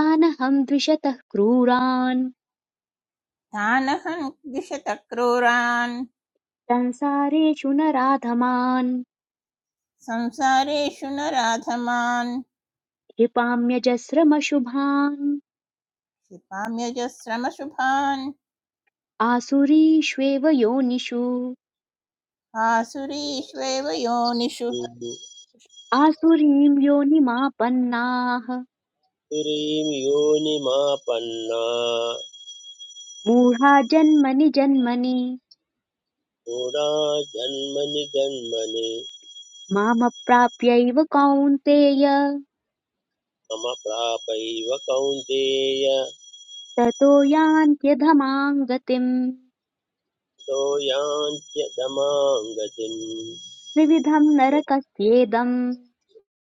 [SPEAKER 2] तानहं द्विषतः क्रूरान्
[SPEAKER 1] तानहं द्विषत क्रूरान्
[SPEAKER 2] संसारेषु नराधमान्
[SPEAKER 1] संसारेषु नराधमान्
[SPEAKER 2] क्षिपाम्यजस्रमशुभान्
[SPEAKER 1] क्षिपाम्यजस्रमशुभान्
[SPEAKER 2] आसुरीष्वेव योनिषु
[SPEAKER 1] आसुरीष्वेव योनिषु
[SPEAKER 5] पुरीं
[SPEAKER 2] आसुरीं योनिमापन्नाः
[SPEAKER 5] योनिमापन्ना
[SPEAKER 2] मूढा जन्मनि जन्मनि
[SPEAKER 5] मूढा जन्मनि जन्मनि
[SPEAKER 2] मामप्राप्यैव कौन्तेय
[SPEAKER 5] मम प्रापैव कौन्तेय
[SPEAKER 2] ततो यान्त्यधमां गतिम्
[SPEAKER 5] तो यान्त्यतमां गतिम्
[SPEAKER 2] त्रिविधं नरकस्येदम्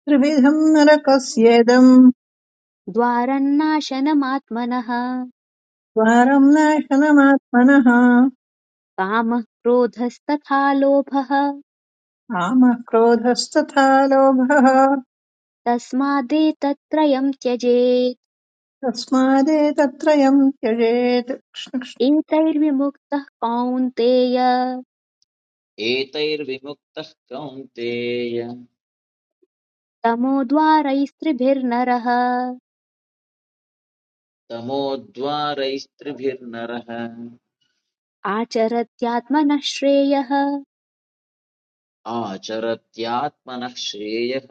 [SPEAKER 6] त्रिविधम् नरकस्येदम्
[SPEAKER 2] द्वारन्नाशनमात्मनः
[SPEAKER 6] द्वारम् नाशनमात्मनः
[SPEAKER 2] कामः क्रोधस्तथा लोभः
[SPEAKER 6] कामः क्रोधस्तथा लोभः
[SPEAKER 2] तस्मादेतत्त्रयम् त्यजेत्
[SPEAKER 6] तस्मादेतत्रयम् त्यजेत् कृष्ण कृष्ण
[SPEAKER 2] एतैर्विमुक्तः कौन्तेय
[SPEAKER 7] एतैर्विमुक्तः कौन्तेय
[SPEAKER 2] तमो द्वारैस्त्रिभिर्नरः
[SPEAKER 7] तमोद्वारैस्त्रिभिर्नरः
[SPEAKER 2] आचरत्यात्मनः श्रेयः
[SPEAKER 7] आचरत्यात्मनः श्रेयः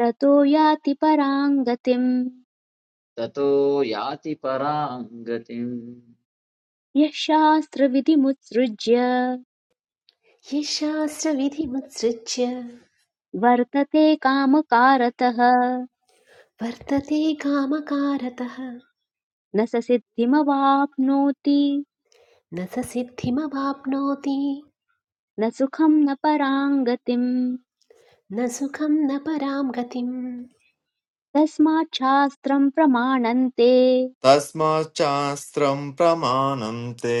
[SPEAKER 2] ततो याति परां गतिम्
[SPEAKER 7] ततो याति परां गतिम्
[SPEAKER 2] यः शास्त्रविधिमुत्सृज्य
[SPEAKER 8] ये शास्त्रविधिमुत्सृज्य
[SPEAKER 2] वर्तते कामकारतः
[SPEAKER 8] वर्तते कामकारतः
[SPEAKER 2] न स सिद्धिमवाप्नोति
[SPEAKER 8] न स सिद्धिमवाप्नोति
[SPEAKER 2] न सुखं न परां गतिम्
[SPEAKER 8] न सुखं न परां गतिम्
[SPEAKER 2] तस्मात् शास्त्रम् प्रमाणन्ते
[SPEAKER 10] तस्माच्चास्त्रं प्रमाणं ते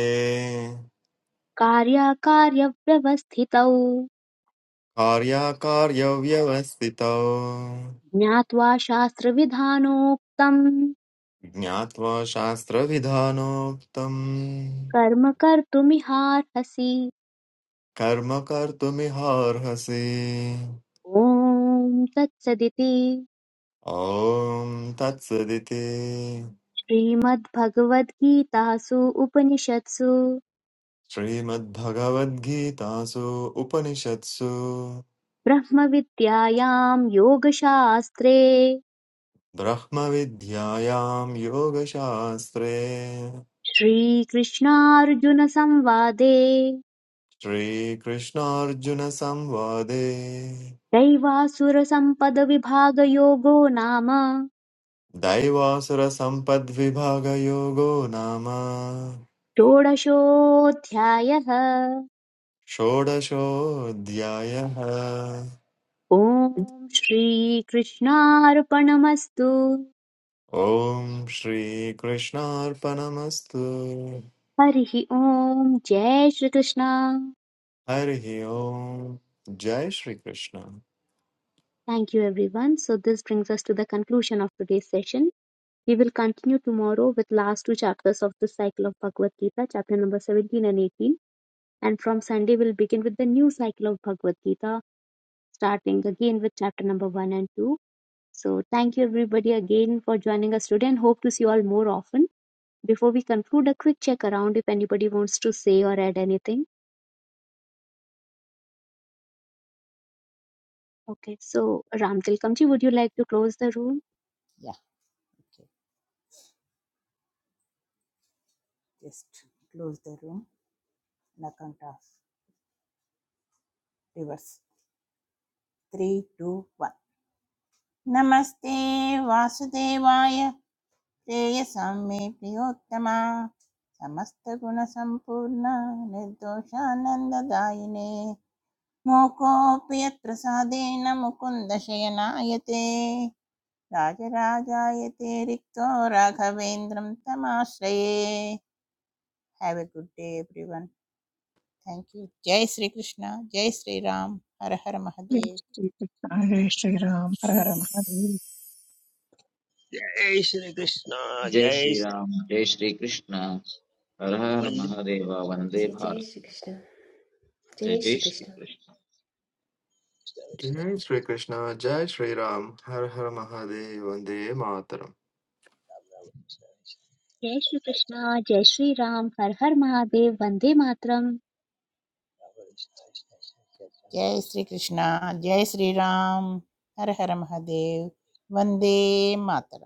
[SPEAKER 2] कार्याकार्यव्यवस्थितौ
[SPEAKER 10] कार्याकार्यव्यवस्थितौ
[SPEAKER 2] ज्ञात्वा शास्त्रविधानोक्तम्
[SPEAKER 10] ज्ञात्वा शास्त्रविधानोक्तम्
[SPEAKER 2] कर्म कर्तुमिहार्हसि
[SPEAKER 10] कर्म कर्तुमिहार्हसि
[SPEAKER 2] ॐ तत्सदिति
[SPEAKER 10] ॐ तत्सदिति
[SPEAKER 2] श्रीमद्भगवद्गीतासु उपनिषत्सु
[SPEAKER 10] श्रीमद्भगवद्गीतासु उपनिषत्सु
[SPEAKER 2] ब्रह्मविद्यायां योगशास्त्रे
[SPEAKER 10] ब्रह्मविद्यायां योगशास्त्रे
[SPEAKER 2] श्रीकृष्णार्जुनसंवादे
[SPEAKER 10] श्रीकृष्णार्जुनसंवादे
[SPEAKER 2] दैवासुरसम्पदविभागयोगो नाम
[SPEAKER 10] दैवासुरसम्पद्विभागयोगो नाम
[SPEAKER 2] षोडशोऽध्यायः
[SPEAKER 10] षोडशोऽध्यायः
[SPEAKER 2] ॐ श्रीकृष्णार्पणमस्तु
[SPEAKER 10] ॐ श्रीकृष्णार्पणमस्तु
[SPEAKER 2] हरिः ॐ जय श्रीकृष्ण
[SPEAKER 10] हरिः ओम् जय Shri Krishna
[SPEAKER 2] Thank you everyone. So this brings us to the conclusion of today's session. We will continue tomorrow with last two chapters of the cycle of Bhagavad Gita, chapter number 17 and 18. And from Sunday, we'll begin with the new cycle of Bhagavad Gita, starting again with chapter number 1 and 2. So thank you everybody again for joining us today and hope to see you all more often. Before we conclude, a quick check around if anybody wants to say or add anything. Okay, so Ram Tilkamji, would you like to close the room?
[SPEAKER 1] या just close the room on account of reverse three two one नमस्ते वासुदेवाय श्रेयसां मे प्रियोत्तमा समस्तगुणसम्पूर्णा निर्दोषानन्ददायिने मोकोऽपि यत्र साधेन मुकुन्दशयनायते राजराजायते रिक्तो राघवेन्द्रं तमाश्रये have a good day everyone thank you जय श्री कृष्ण जय श्री राम हर हर महादेव
[SPEAKER 6] श्रीकृष्ण हरे श्रीराम हर हर महादेव
[SPEAKER 5] जय श्रीकृष्ण
[SPEAKER 7] जय
[SPEAKER 5] जय श्री
[SPEAKER 7] श्रीराम जय श्रीकृष्ण हर हर
[SPEAKER 5] वन्दे
[SPEAKER 7] महादेव वन्दे
[SPEAKER 8] जय जय
[SPEAKER 7] भारत
[SPEAKER 8] श्रीकृष्ण
[SPEAKER 7] जय
[SPEAKER 8] जय
[SPEAKER 7] जय
[SPEAKER 8] श्रीकृष्ण
[SPEAKER 7] श्रीकृष्ण
[SPEAKER 10] जय श्रीकृष्ण जय श्रीराम हर हर महादेव वन्दे Mataram
[SPEAKER 2] Jai Shri Krishna, Jai Shri Ram, Har Har Mahadev, Vande Matram.
[SPEAKER 1] जय श्री कृष्ण
[SPEAKER 5] Thank
[SPEAKER 1] जय श्री राम हर हर महादेव वंदे मातरम